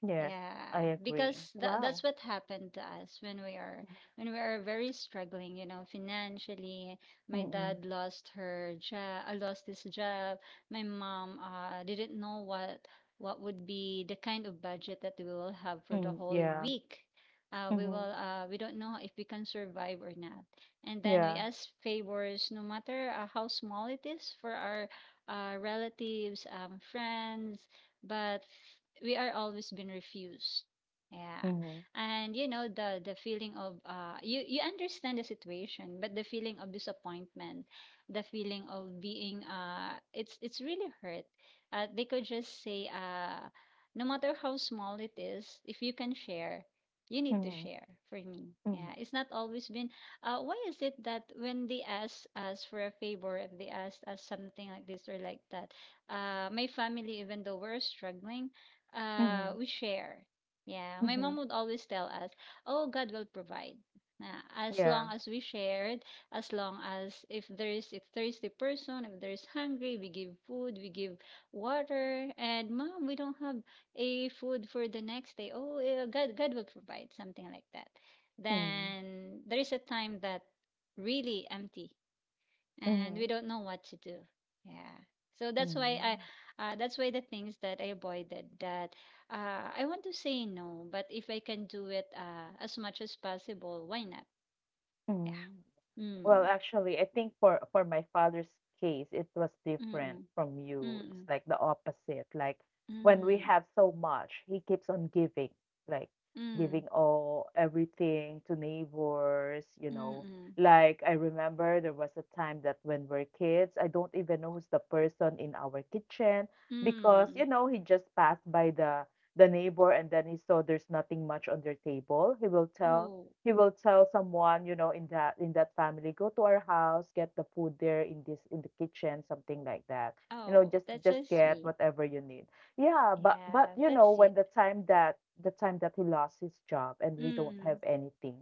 [SPEAKER 1] Yes, I
[SPEAKER 2] Yeah,
[SPEAKER 1] agree.
[SPEAKER 2] because that,
[SPEAKER 1] Wow.
[SPEAKER 2] that's what happened to us when we are, when we are very struggling, you know, financially. My
[SPEAKER 1] Mm-mm.
[SPEAKER 2] dad lost her job, lost his job. My mom didn't know what would be the kind of budget that we will have for the
[SPEAKER 1] Mm,
[SPEAKER 2] whole
[SPEAKER 1] yeah.
[SPEAKER 2] week. We
[SPEAKER 1] Mm-hmm.
[SPEAKER 2] will, we don't know if we can survive or not. And then we
[SPEAKER 1] Yeah.
[SPEAKER 2] ask favors, no matter how small it is, for our relatives, friends, but we are always been refused. Yeah.
[SPEAKER 1] Mm-hmm.
[SPEAKER 2] And you know, the feeling of you, you understand the situation, but the feeling of disappointment, the feeling of being it's really hurt. They could just say, no matter how small it is, if you can share, you need to
[SPEAKER 1] Mm-hmm.
[SPEAKER 2] share for me.
[SPEAKER 1] Mm-hmm.
[SPEAKER 2] Yeah, it's not always been why is it that when they ask us for a favor, if they ask us something like this or like that, my family, even though we're struggling,
[SPEAKER 1] Mm-hmm.
[SPEAKER 2] we share. Yeah, my
[SPEAKER 1] Mm-hmm.
[SPEAKER 2] mom would always tell us, "Oh, God will provide. As
[SPEAKER 1] Yeah.
[SPEAKER 2] long as we shared, as long as if there is a thirsty person, if there is hungry, we give food, we give water." And, "Mom, we don't have a food for the next day." "Oh, eh, God, God will provide," something like that.
[SPEAKER 1] Mm-hmm.
[SPEAKER 2] Then there is a time that really empty and
[SPEAKER 1] Mm-hmm.
[SPEAKER 2] we don't know what to do. Yeah. So that's why
[SPEAKER 1] Mm-hmm.
[SPEAKER 2] that's why the things that I avoided that I want to say no, but if I can do it, as much as possible, why not?
[SPEAKER 1] Mm-hmm.
[SPEAKER 2] Yeah.
[SPEAKER 1] Well,
[SPEAKER 2] Mm.
[SPEAKER 1] actually, I think for my father's case, it was different
[SPEAKER 2] Mm.
[SPEAKER 1] from you. It's
[SPEAKER 2] Mm.
[SPEAKER 1] like the opposite. Like when we
[SPEAKER 2] Mm.
[SPEAKER 1] have so much, he keeps on giving, like giving
[SPEAKER 2] Mm.
[SPEAKER 1] all everything to neighbors.
[SPEAKER 2] Mm.
[SPEAKER 1] Like I remember there was a time that when we're kids, I don't even know who's the person in our kitchen because,
[SPEAKER 2] Mm.
[SPEAKER 1] he just passed by the neighbor and then he saw there's nothing much on their table. He will tell
[SPEAKER 2] Oh.
[SPEAKER 1] he will tell someone, in that family, go to our house, get the food there in the kitchen, something like that. You know,
[SPEAKER 2] Oh.
[SPEAKER 1] just
[SPEAKER 2] That's so
[SPEAKER 1] just get
[SPEAKER 2] sweet.
[SPEAKER 1] whatever you need. Yeah, but but
[SPEAKER 2] Yeah.
[SPEAKER 1] you
[SPEAKER 2] That's
[SPEAKER 1] know, when
[SPEAKER 2] sweet.
[SPEAKER 1] the time that he lost his job and we don't have
[SPEAKER 2] Mm.
[SPEAKER 1] anything.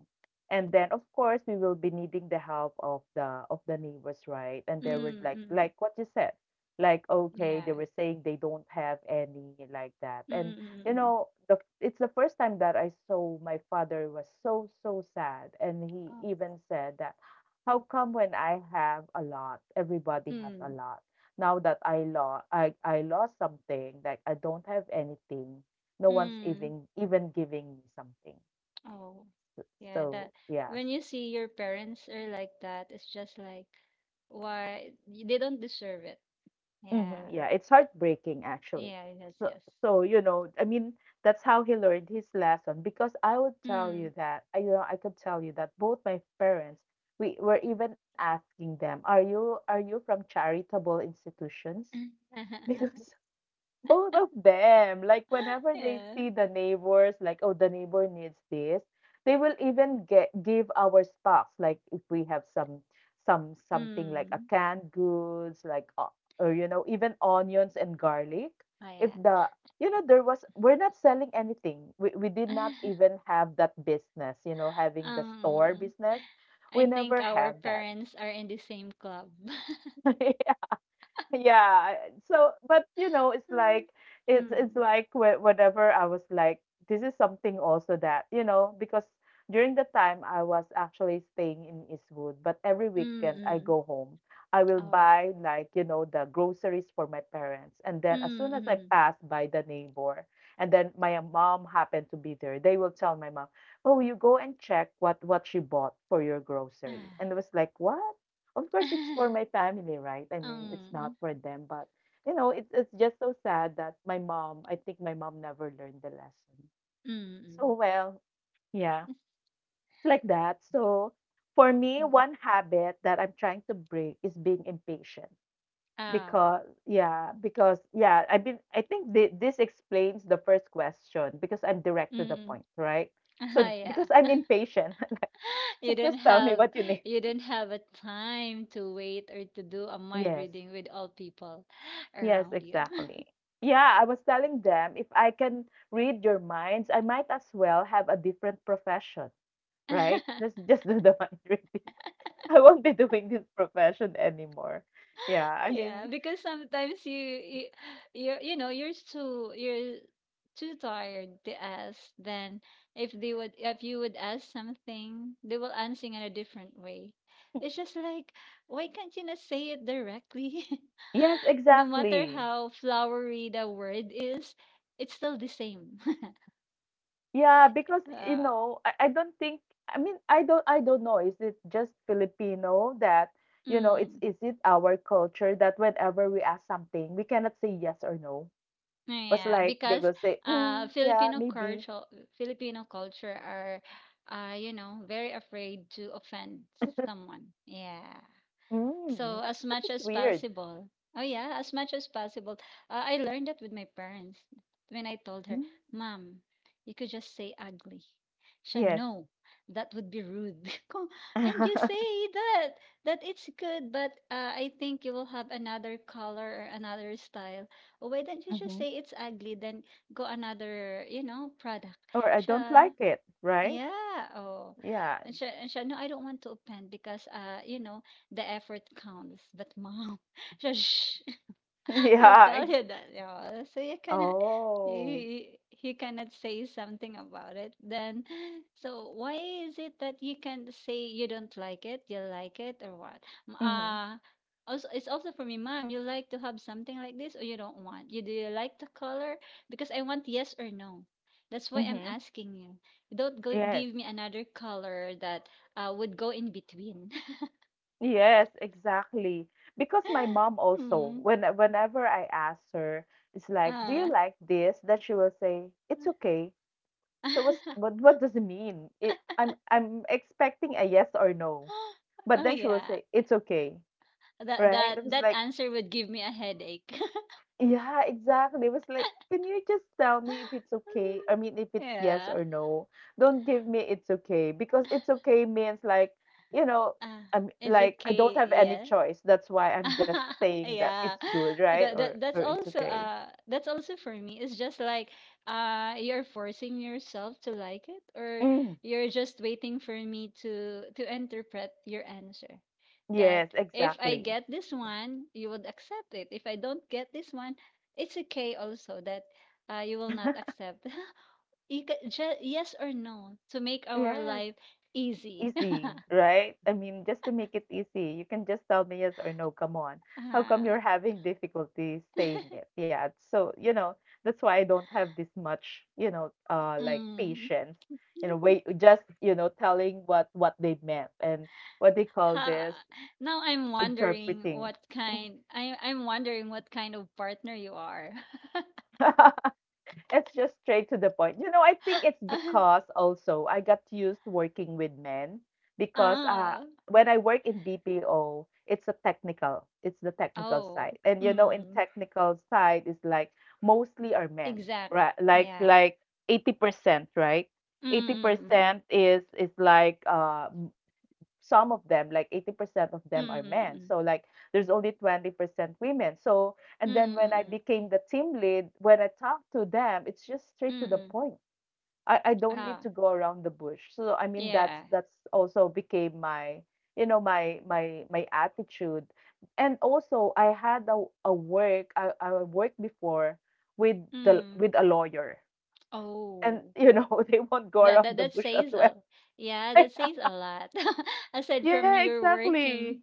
[SPEAKER 1] And then of course we will be needing the help of the neighbors, right? And they were
[SPEAKER 2] Mm.
[SPEAKER 1] like
[SPEAKER 2] Mm.
[SPEAKER 1] like what you said. Like, okay, they
[SPEAKER 2] Yeah.
[SPEAKER 1] were saying they don't have any, like that.
[SPEAKER 2] Mm.
[SPEAKER 1] And
[SPEAKER 2] Mm.
[SPEAKER 1] you
[SPEAKER 2] Mm. Mm.
[SPEAKER 1] know, the it's the first time that I saw my father was so, so sad. And he
[SPEAKER 2] Oh.
[SPEAKER 1] even said that, how come when I have a lot, everybody has a
[SPEAKER 2] Mm.
[SPEAKER 1] lot? Now that I lost something, like I don't have anything. No one's
[SPEAKER 2] Mm.
[SPEAKER 1] even giving me something.
[SPEAKER 2] Oh, yeah,
[SPEAKER 1] So
[SPEAKER 2] that
[SPEAKER 1] yeah.
[SPEAKER 2] when you see your parents are like that, it's just like why y- they don't deserve it.
[SPEAKER 1] Mhm,
[SPEAKER 2] Yeah.
[SPEAKER 1] yeah, it's heartbreaking actually.
[SPEAKER 2] Yeah, yes,
[SPEAKER 1] So,
[SPEAKER 2] yes.
[SPEAKER 1] so, I mean, that's how he learned his lesson. Because I would tell you
[SPEAKER 2] Mm.
[SPEAKER 1] that, I could tell you that both my parents, we were even asking them, "Are you from charitable institutions?" Because both of them, like whenever they see
[SPEAKER 2] Yeah.
[SPEAKER 1] the neighbors, like, oh, the neighbor needs this, they will even get give our stocks, like if we have something like a
[SPEAKER 2] Mm.
[SPEAKER 1] canned goods, or even onions and garlic,
[SPEAKER 2] Oh
[SPEAKER 1] if
[SPEAKER 2] yeah.
[SPEAKER 1] the there was, we're not selling anything, we did not even have that business, having the store
[SPEAKER 2] Um,
[SPEAKER 1] business, we
[SPEAKER 2] I
[SPEAKER 1] never
[SPEAKER 2] think our
[SPEAKER 1] had that.
[SPEAKER 2] parents are in the same club.
[SPEAKER 1] Yeah. So, but it's like it's it's
[SPEAKER 2] Mm.
[SPEAKER 1] like whatever I was like, this is something also that, because during the time I was actually staying in Eastwood, but every
[SPEAKER 2] Mm.
[SPEAKER 1] weekend I go
[SPEAKER 2] Mm.
[SPEAKER 1] home, I will
[SPEAKER 2] Oh.
[SPEAKER 1] buy, like, the groceries for my parents, and then as soon as I
[SPEAKER 2] Mm.
[SPEAKER 1] pass by the neighbor, and then my mom happened to be there, they will tell my mom, "Oh, you go and check what she bought for your grocery,"
[SPEAKER 2] Mm.
[SPEAKER 1] and I was like, "What?" Of course, it's for my family, right? I mean, it's not
[SPEAKER 2] Um.
[SPEAKER 1] for them, but it's just so sad that my mom. I think my mom never learned the lesson. So
[SPEAKER 2] Mm.
[SPEAKER 1] well, yeah,
[SPEAKER 2] Mm.
[SPEAKER 1] it's like that. So for me,
[SPEAKER 2] Mm.
[SPEAKER 1] one habit that I'm trying to break is being impatient
[SPEAKER 2] Oh.
[SPEAKER 1] because, yeah, because, yeah, I've been. I think this explains the first question, because I'm direct to the point,
[SPEAKER 2] Mm.
[SPEAKER 1] right? So
[SPEAKER 2] Ah
[SPEAKER 1] because
[SPEAKER 2] yeah.
[SPEAKER 1] I'm impatient,
[SPEAKER 2] You
[SPEAKER 1] just
[SPEAKER 2] don't
[SPEAKER 1] tell me what
[SPEAKER 2] have
[SPEAKER 1] you need.
[SPEAKER 2] you don't have a time to wait or to do a mind
[SPEAKER 1] Yes.
[SPEAKER 2] reading with all people
[SPEAKER 1] Yes,
[SPEAKER 2] around you.
[SPEAKER 1] exactly. Yeah, I was telling them, if I can read your minds, I might as well have a different profession, right? Just just do the mind reading. I won't be doing this profession anymore. Yeah, I mean,
[SPEAKER 2] Yeah, because sometimes you you're, you know, you're too tired to ask. Then if you would ask something, they will answer in a different way. It's just like why can't you not say it directly?
[SPEAKER 1] yes,
[SPEAKER 2] No matter
[SPEAKER 1] exactly.
[SPEAKER 2] how flowery the word is, it's still the same.
[SPEAKER 1] Yeah, because
[SPEAKER 2] Uh,
[SPEAKER 1] I don't think, I mean, I don't know, is it just Filipino that, it's,
[SPEAKER 2] mm.
[SPEAKER 1] is it our culture that whenever we ask something, we cannot say yes or no? It's
[SPEAKER 2] Yeah,
[SPEAKER 1] like they will
[SPEAKER 2] because
[SPEAKER 1] say, mm, yeah,
[SPEAKER 2] Filipino
[SPEAKER 1] maybe.
[SPEAKER 2] culture, Filipino culture are you know very afraid to offend someone. Yeah.
[SPEAKER 1] Mm.
[SPEAKER 2] So
[SPEAKER 1] But
[SPEAKER 2] as
[SPEAKER 1] that is
[SPEAKER 2] much as
[SPEAKER 1] weird.
[SPEAKER 2] possible. Oh yeah, as much as possible. I learned that with my parents when I told her,
[SPEAKER 1] Mm.
[SPEAKER 2] "Mom, you could just say ugly." She
[SPEAKER 1] Yes.
[SPEAKER 2] no, that would be rude. Ko, and you say that, that it's good, but I think you will have another color or another style. "Oh, why don't you
[SPEAKER 1] Mhm.
[SPEAKER 2] just say it's ugly? Then go another, you know, product."
[SPEAKER 1] Or I
[SPEAKER 2] She
[SPEAKER 1] don't like it, right?
[SPEAKER 2] yeah, oh.
[SPEAKER 1] Yeah.
[SPEAKER 2] And she, and she no, I don't want to offend because, you know, the effort counts. But mom, she. Shh, he'll
[SPEAKER 1] Yeah.
[SPEAKER 2] tell you that, yeah. So you cannot,
[SPEAKER 1] Oh.
[SPEAKER 2] he cannot say something about it. Then, so why is it that you can't say you don't like it, you like it, or what? M-
[SPEAKER 1] Mhm.
[SPEAKER 2] Uh, Also, it's also for me, mom. You like to have something like this, or you don't want? You Do you like the color? Because I want yes or no. That's why I'm
[SPEAKER 1] Mhm.
[SPEAKER 2] asking you. Don't go,
[SPEAKER 1] Yes.
[SPEAKER 2] give me another color that would go in between.
[SPEAKER 1] Yes, exactly. Because my mom also,
[SPEAKER 2] Hmm.
[SPEAKER 1] whenever I ask her, it's like, "Do you
[SPEAKER 2] Uh.
[SPEAKER 1] like this?" That she will say, "It's okay." So what's, what what does it mean? I'm expecting a yes or no, but
[SPEAKER 2] Oh,
[SPEAKER 1] then she will
[SPEAKER 2] yeah.
[SPEAKER 1] say, "It's okay,"
[SPEAKER 2] That
[SPEAKER 1] right? It
[SPEAKER 2] that
[SPEAKER 1] was
[SPEAKER 2] that
[SPEAKER 1] like,
[SPEAKER 2] answer would give me a headache.
[SPEAKER 1] yeah, exactly. It was like, can you just tell me if it's okay? I mean, if it's yes
[SPEAKER 2] Yeah.
[SPEAKER 1] or no. Don't give me "it's okay," because "it's okay" means, like, you know,
[SPEAKER 2] Uh,
[SPEAKER 1] I'm
[SPEAKER 2] it's
[SPEAKER 1] like, I don't
[SPEAKER 2] okay.
[SPEAKER 1] have any
[SPEAKER 2] Yeah.
[SPEAKER 1] choice. That's why I'm just saying that
[SPEAKER 2] Yeah.
[SPEAKER 1] it's good, right?
[SPEAKER 2] That,
[SPEAKER 1] Or
[SPEAKER 2] that
[SPEAKER 1] or
[SPEAKER 2] that's
[SPEAKER 1] it's
[SPEAKER 2] also
[SPEAKER 1] okay.
[SPEAKER 2] that's also for me. It's just like you're forcing yourself to like it, or
[SPEAKER 1] Mm,
[SPEAKER 2] you're just waiting for me to interpret your answer.
[SPEAKER 1] yes,
[SPEAKER 2] That if I
[SPEAKER 1] exactly.
[SPEAKER 2] get this one, you would accept it. If I don't get this one, it's okay also that you will not accept. You ca ju yes or no to make our
[SPEAKER 1] Yes.
[SPEAKER 2] life easy.
[SPEAKER 1] Easy, right? I mean, just to make it easy, you can just tell me yes or no. Come on. How
[SPEAKER 2] Ah.
[SPEAKER 1] come you're having difficulty saying it? Yeah. So, that's why I don't have this much, like,
[SPEAKER 2] Mm.
[SPEAKER 1] patience. You know, wait just, telling what they meant and what they call this,
[SPEAKER 2] Ha. Now I'm wondering what
[SPEAKER 1] interpreting.
[SPEAKER 2] kind I I'm wondering what kind of partner you are.
[SPEAKER 1] It's just straight to the point. I think it's because also I got used working with men, because
[SPEAKER 2] Ah.
[SPEAKER 1] when I work in BPO, it's the technical
[SPEAKER 2] Oh.
[SPEAKER 1] side. And, in
[SPEAKER 2] Mm.
[SPEAKER 1] technical side is like mostly are men,
[SPEAKER 2] Exact.
[SPEAKER 1] right? Like
[SPEAKER 2] Yeah.
[SPEAKER 1] like 80%, right?
[SPEAKER 2] Mm.
[SPEAKER 1] 80% is like, some of them, like 80% of them are
[SPEAKER 2] Mm.
[SPEAKER 1] men.
[SPEAKER 2] Mm.
[SPEAKER 1] So, like, there's only 20% women. So, and then
[SPEAKER 2] Mm.
[SPEAKER 1] when I
[SPEAKER 2] Mm.
[SPEAKER 1] became the team lead, when I talk to them, it's just
[SPEAKER 2] Mm. Mm. Mm,
[SPEAKER 1] straight
[SPEAKER 2] mm,
[SPEAKER 1] to
[SPEAKER 2] mm,
[SPEAKER 1] the
[SPEAKER 2] mm, mm.
[SPEAKER 1] point. I don't need
[SPEAKER 2] Ah.
[SPEAKER 1] to go around the bush. So, I mean,
[SPEAKER 2] Yeah.
[SPEAKER 1] that's also became my you know my attitude. And also, I had a work, I worked before with the
[SPEAKER 2] Mm.
[SPEAKER 1] with a lawyer, and
[SPEAKER 2] Oh.
[SPEAKER 1] you know, they won't go
[SPEAKER 2] That
[SPEAKER 1] around
[SPEAKER 2] that
[SPEAKER 1] the
[SPEAKER 2] that
[SPEAKER 1] bush as
[SPEAKER 2] says
[SPEAKER 1] well.
[SPEAKER 2] a Yeah, that says a lot. Aside from
[SPEAKER 1] Yeah,
[SPEAKER 2] your
[SPEAKER 1] exactly.
[SPEAKER 2] working,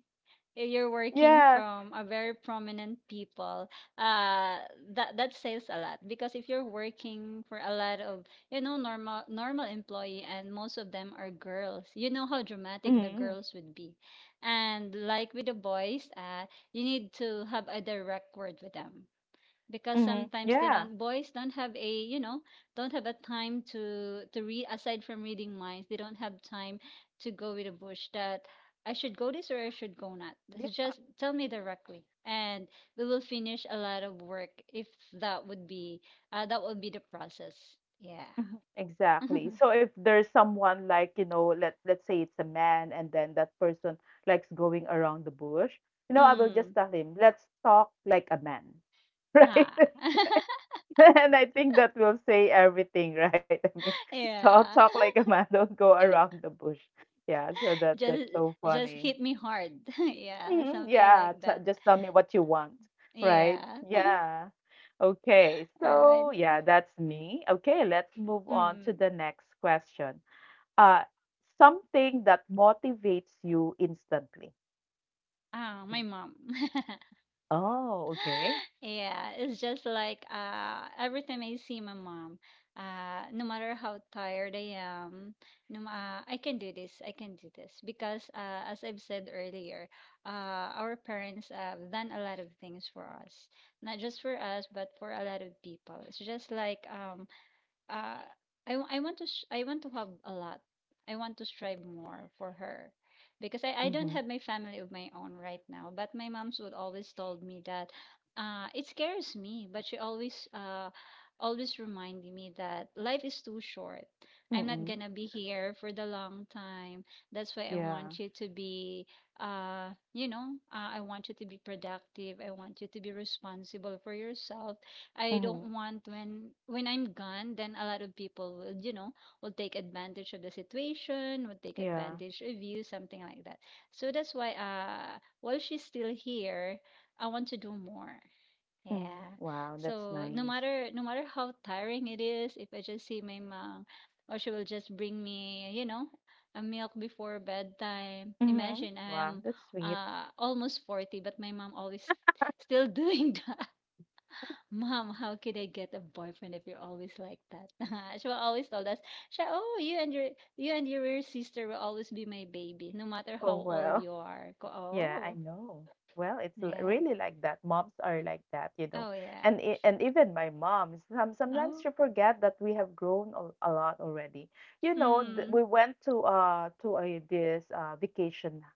[SPEAKER 2] you're working
[SPEAKER 1] Yeah.
[SPEAKER 2] from a very prominent people. Uh, that that says a lot because if you're working for a lot of, you know, normal employee, and most of them are girls. You know how dramatic the
[SPEAKER 1] Mhm,
[SPEAKER 2] girls would be. And like with the boys, you need to have a direct word with them because
[SPEAKER 1] mhm,
[SPEAKER 2] sometimes they
[SPEAKER 1] yeah,
[SPEAKER 2] don't boys don't have a, you know, don't have a time to read. Aside from reading minds, they don't have time to go with a bush that I should go this or I should go not. This is
[SPEAKER 1] yeah,
[SPEAKER 2] just tell me directly, and we will finish a lot of work if that would be that would be the process. Yeah.
[SPEAKER 1] mhm, exactly. So if there's someone, like, let's say it's a man and then that person likes going around the bush, I will
[SPEAKER 2] Mm.
[SPEAKER 1] just tell him, let's talk like a man,
[SPEAKER 2] Ah.
[SPEAKER 1] right? And I think that will say everything, right? I mean, so I'll
[SPEAKER 2] Yeah.
[SPEAKER 1] talk like a man, don't go around the bush. Yeah, so that's
[SPEAKER 2] just
[SPEAKER 1] so
[SPEAKER 2] just
[SPEAKER 1] funny.
[SPEAKER 2] hit me hard. Yeah,
[SPEAKER 1] Mhm,
[SPEAKER 2] something
[SPEAKER 1] yeah,
[SPEAKER 2] like
[SPEAKER 1] t
[SPEAKER 2] that.
[SPEAKER 1] just tell me what you want, right?
[SPEAKER 2] Yeah.
[SPEAKER 1] Yeah. Okay,
[SPEAKER 2] All right.
[SPEAKER 1] so yeah, that's me. Okay, let's move on to
[SPEAKER 2] Mm.
[SPEAKER 1] the next question. Uh, Something that motivates you instantly.
[SPEAKER 2] Oh, my
[SPEAKER 1] Mm.
[SPEAKER 2] mom.
[SPEAKER 1] Oh, okay.
[SPEAKER 2] Yeah, it's just like every time I see my mom, no matter how tired I am, no ma- I can do this. I can do this because as I've said earlier, our parents have done a lot of things for us. Not just for us, but for a lot of people. It's just like uh, I, I want to I want to have a lot. I want to strive more for her because I don't
[SPEAKER 1] Mm-hmm.
[SPEAKER 2] have my family of my own right now. But my mom's would always told me that, it scares me, but she always, always reminded me that life is too short. I'm not
[SPEAKER 1] Mm-hmm.
[SPEAKER 2] gonna be here for the long time. That's why I want
[SPEAKER 1] Yeah.
[SPEAKER 2] you to be, you know, I want you to be productive. I want you to be responsible for yourself. I don't
[SPEAKER 1] Mm-hmm.
[SPEAKER 2] want, when I'm gone, then a lot of people will, you know, will take advantage of the situation, will take
[SPEAKER 1] Yeah.
[SPEAKER 2] advantage of you, something like that. So that's why, while she's still here, I want to do more.
[SPEAKER 1] Mm-hmm.
[SPEAKER 2] Yeah.
[SPEAKER 1] Wow, that's
[SPEAKER 2] So no
[SPEAKER 1] nice.
[SPEAKER 2] matter, no matter how tiring it is, if I just see my mom, or she will just bring me, you know, a milk before bedtime.
[SPEAKER 1] Mm-hmm.
[SPEAKER 2] Imagine I
[SPEAKER 1] Wow,
[SPEAKER 2] am
[SPEAKER 1] that's sweet.
[SPEAKER 2] almost 40, but my mom always still doing. Mom, how could I get a boyfriend if you're always like that? She will always told us, she, oh, you and your sister will always be my baby, no matter how
[SPEAKER 1] Oh,
[SPEAKER 2] old you
[SPEAKER 1] well.
[SPEAKER 2] are. Ko,
[SPEAKER 1] Yeah,
[SPEAKER 2] oh,
[SPEAKER 1] I know. Well, it's
[SPEAKER 2] yeah.
[SPEAKER 1] really like that. Moms are like that, you
[SPEAKER 2] Oh,
[SPEAKER 1] know.
[SPEAKER 2] yeah.
[SPEAKER 1] And even my mom, some,
[SPEAKER 2] Oh,
[SPEAKER 1] sometimes she forget that we have grown a lot already. You know, th
[SPEAKER 2] mm,
[SPEAKER 1] we went to a this vacation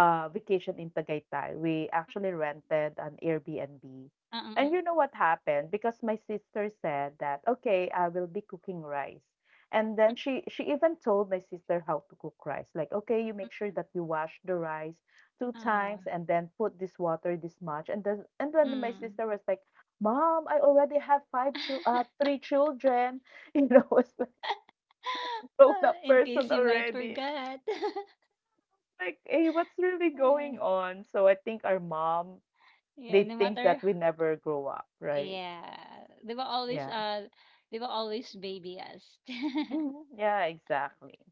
[SPEAKER 1] vacation in Tagaytay. We actually rented an Airbnb.
[SPEAKER 2] uh, uh,
[SPEAKER 1] And you know what happened? Because my sister said that, okay, I will be cooking rice. And then she even told my sister how to cook rice. Like, okay, you make sure that you wash the rice
[SPEAKER 2] uh,
[SPEAKER 1] 2
[SPEAKER 2] uh,
[SPEAKER 1] times and then put this water this much, and then my
[SPEAKER 2] mm.
[SPEAKER 1] sister was like, "Mom, I already have five chil- uh, three children." Was like, grown
[SPEAKER 2] Ah,
[SPEAKER 1] up
[SPEAKER 2] in case
[SPEAKER 1] person
[SPEAKER 2] you might
[SPEAKER 1] already.
[SPEAKER 2] forget.
[SPEAKER 1] Like, hey, what's really
[SPEAKER 2] Yeah,
[SPEAKER 1] going on? So I think our mom,
[SPEAKER 2] yeah, no
[SPEAKER 1] they think
[SPEAKER 2] matter.
[SPEAKER 1] that we never grow up, right?
[SPEAKER 2] Yeah.
[SPEAKER 1] Yeah.
[SPEAKER 2] They will always baby us.
[SPEAKER 1] Mhm. Yeah, exactly.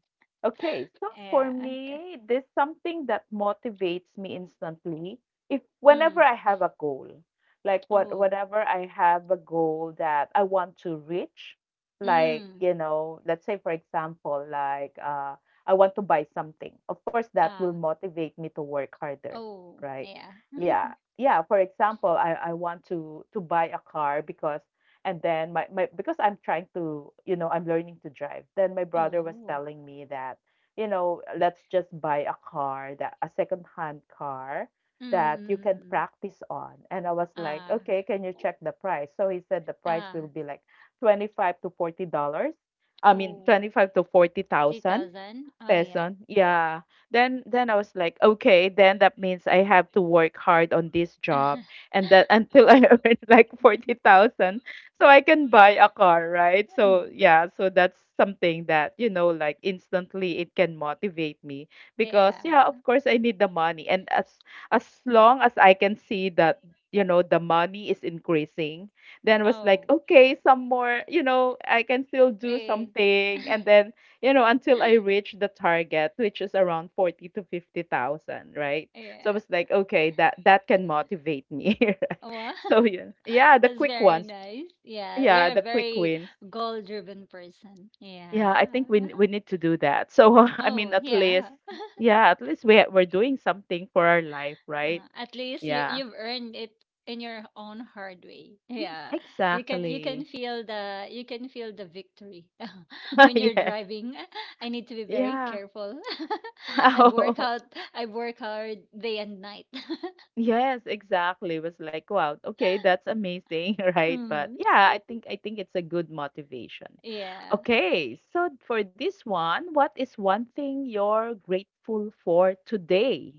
[SPEAKER 1] Okay, so
[SPEAKER 2] Yeah,
[SPEAKER 1] for
[SPEAKER 2] okay.
[SPEAKER 1] me, this something that motivates me instantly. If
[SPEAKER 2] Mm.
[SPEAKER 1] whenever I have a goal, like what
[SPEAKER 2] Oh.
[SPEAKER 1] whenever I have a goal that I want to reach, like,
[SPEAKER 2] Hmm,
[SPEAKER 1] let's say for example, like, I want to buy something. Of course, that will
[SPEAKER 2] ah,
[SPEAKER 1] motivate me to work harder,
[SPEAKER 2] oh,
[SPEAKER 1] right?
[SPEAKER 2] yeah.
[SPEAKER 1] Yeah. Yeah, for example, I want to buy a car, because and then my because I'm trying to, I'm learning to drive. Then my brother was
[SPEAKER 2] Oh,
[SPEAKER 1] telling me that, let's just buy a car, that a second hand car
[SPEAKER 2] mm, mm,
[SPEAKER 1] that you can
[SPEAKER 2] mm, mm.
[SPEAKER 1] practice on. And I was like,
[SPEAKER 2] Ah,
[SPEAKER 1] okay, can you check the price? So he said the price will
[SPEAKER 2] ah,
[SPEAKER 1] be like $25 to $40. I mean,
[SPEAKER 2] oh,
[SPEAKER 1] twenty five to forty thousand.
[SPEAKER 2] 2000? Oh, yeah.
[SPEAKER 1] Peson. Yeah. Then I was like, okay, then that means I have to work hard on this job and that, until I
[SPEAKER 2] Mm,
[SPEAKER 1] earn like 40,000, so I can buy a car, right? So
[SPEAKER 2] mm,
[SPEAKER 1] yeah, so that's something that, like, instantly it can motivate me, because
[SPEAKER 2] yeah.
[SPEAKER 1] yeah, of course I need the money, and as long as I can see that, the money is increasing, then was like,
[SPEAKER 2] Oh,
[SPEAKER 1] okay, some more, I can still do
[SPEAKER 2] eh,
[SPEAKER 1] something. And then, until I reached the target, which is around 40 to 50,000, right? So I
[SPEAKER 2] yeah.
[SPEAKER 1] was like, okay, that can motivate me.
[SPEAKER 2] Wow.
[SPEAKER 1] So yeah, yeah, the
[SPEAKER 2] That's
[SPEAKER 1] quick
[SPEAKER 2] very
[SPEAKER 1] ones.
[SPEAKER 2] nice. Yeah,
[SPEAKER 1] Yeah,
[SPEAKER 2] you're
[SPEAKER 1] the
[SPEAKER 2] a
[SPEAKER 1] quick
[SPEAKER 2] very
[SPEAKER 1] wins.
[SPEAKER 2] goal-driven person.
[SPEAKER 1] Yeah,
[SPEAKER 2] Yeah.
[SPEAKER 1] I think we need to do that. So, I
[SPEAKER 2] Oh,
[SPEAKER 1] mean, at
[SPEAKER 2] yeah.
[SPEAKER 1] least, yeah, at least we're doing something for our life, right?
[SPEAKER 2] At least you
[SPEAKER 1] Yeah.
[SPEAKER 2] you've earned it in your own hard way.
[SPEAKER 1] Mm,
[SPEAKER 2] Yeah. You can
[SPEAKER 1] exactly.
[SPEAKER 2] feel the, you can feel the victory when you're
[SPEAKER 1] Yes.
[SPEAKER 2] driving. I need to be very
[SPEAKER 1] Yeah.
[SPEAKER 2] careful. I work
[SPEAKER 1] Oh.
[SPEAKER 2] out I work hard day and night.
[SPEAKER 1] Yes, exactly. It was like, wow, okay, that's amazing, right? But
[SPEAKER 2] Mm.
[SPEAKER 1] yeah, I think it's a good motivation.
[SPEAKER 2] Yeah.
[SPEAKER 1] Okay, so for this one, what is one thing you're grateful for today?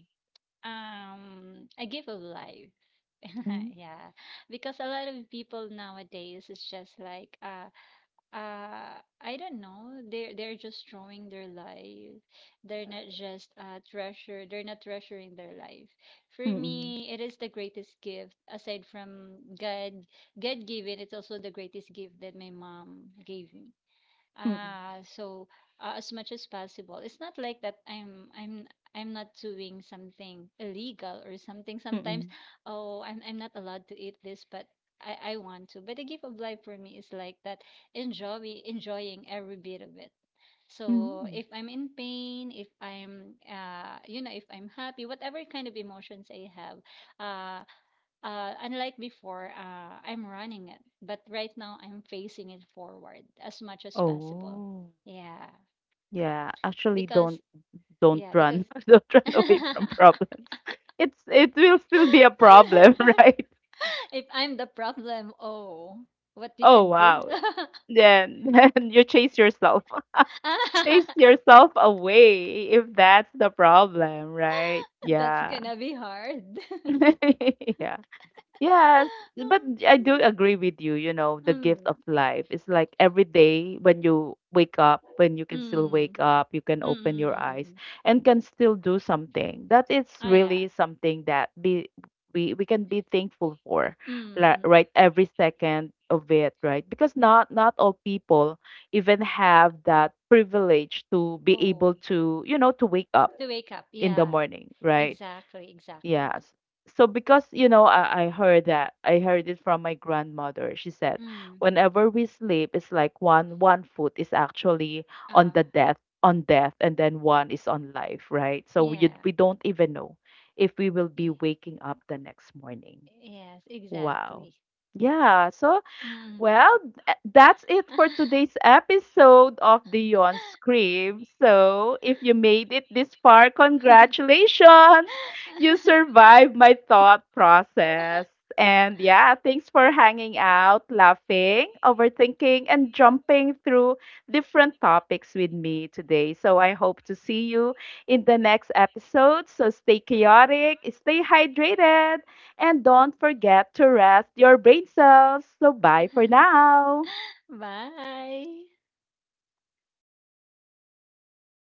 [SPEAKER 2] A gift of life.
[SPEAKER 1] Mm.
[SPEAKER 2] Yeah. Because a lot of people nowadays is just like, I don't know, they're just drawing their life. They're not just treasure they're not treasuring their life. For
[SPEAKER 1] Mm-mm.
[SPEAKER 2] me, it is the greatest gift aside from god god given. It's also the greatest gift that my mom gave me.
[SPEAKER 1] Mm-mm.
[SPEAKER 2] Ah, so, as much as possible. It's not like that I'm not doing something illegal or something. Sometimes,
[SPEAKER 1] Mm-mm.
[SPEAKER 2] oh, I'm not allowed to eat this, but I want to. But the gift of life for me is like that, enjoying every bit of it. So
[SPEAKER 1] Mm-mm.
[SPEAKER 2] if I'm in pain, if I'm, you know, if I'm happy, whatever kind of emotions I have, ah, unlike before, I'm running it, but right now I'm facing it forward as much as possible.
[SPEAKER 1] Oh,
[SPEAKER 2] Yeah,
[SPEAKER 1] yeah. Actually, don't
[SPEAKER 2] because
[SPEAKER 1] don't
[SPEAKER 2] yeah, because
[SPEAKER 1] run. Don't run away from problems. It will still be a problem, right?
[SPEAKER 2] if I'm the problem, oh, what we
[SPEAKER 1] Oh,
[SPEAKER 2] can
[SPEAKER 1] wow.
[SPEAKER 2] do?
[SPEAKER 1] Then, then you chase yourself, chase yourself away if that's the problem, right?
[SPEAKER 2] That's
[SPEAKER 1] Yeah.
[SPEAKER 2] gonna be hard.
[SPEAKER 1] Yeah. Yes, but I do agree with you, the gift
[SPEAKER 2] Mm,
[SPEAKER 1] of life is like every day, when you wake up, when you can still
[SPEAKER 2] mm,
[SPEAKER 1] wake up, you can
[SPEAKER 2] mm, mm,
[SPEAKER 1] open your
[SPEAKER 2] mm, mm,
[SPEAKER 1] eyes
[SPEAKER 2] mm.
[SPEAKER 1] and can still do something. That is
[SPEAKER 2] Oh, yeah.
[SPEAKER 1] really something that be we can be thankful for,
[SPEAKER 2] Mm, mm, mm, mm.
[SPEAKER 1] right? Every second of it, right? Because not all people even have that privilege to be
[SPEAKER 2] Oh,
[SPEAKER 1] able to, to wake up
[SPEAKER 2] to wake up.
[SPEAKER 1] in the
[SPEAKER 2] Yeah,
[SPEAKER 1] morning, right?
[SPEAKER 2] exactly, exactly.
[SPEAKER 1] Yes. So, because, I heard it from my grandmother. She said,
[SPEAKER 2] Mm.
[SPEAKER 1] whenever we sleep, it's like one foot is actually on
[SPEAKER 2] Ah.
[SPEAKER 1] the death on death, and then one is on life, right? So we
[SPEAKER 2] Yeah.
[SPEAKER 1] we don't even know if we will
[SPEAKER 2] Yeah.
[SPEAKER 1] be waking up the next morning.
[SPEAKER 2] Yes,
[SPEAKER 1] Wow.
[SPEAKER 2] exactly.
[SPEAKER 1] Yeah. So
[SPEAKER 2] Mm.
[SPEAKER 1] well, that's it for today's episode of the Yon Scream. So, if you made it this far, congratulations! You survived my thought process. And yeah, thanks for hanging out, laughing, overthinking, and jumping through different topics with me today. So, I hope to see you in the next episode. So, stay chaotic, stay hydrated, and don't forget to rest your brain cells. So bye for now.
[SPEAKER 2] Bye.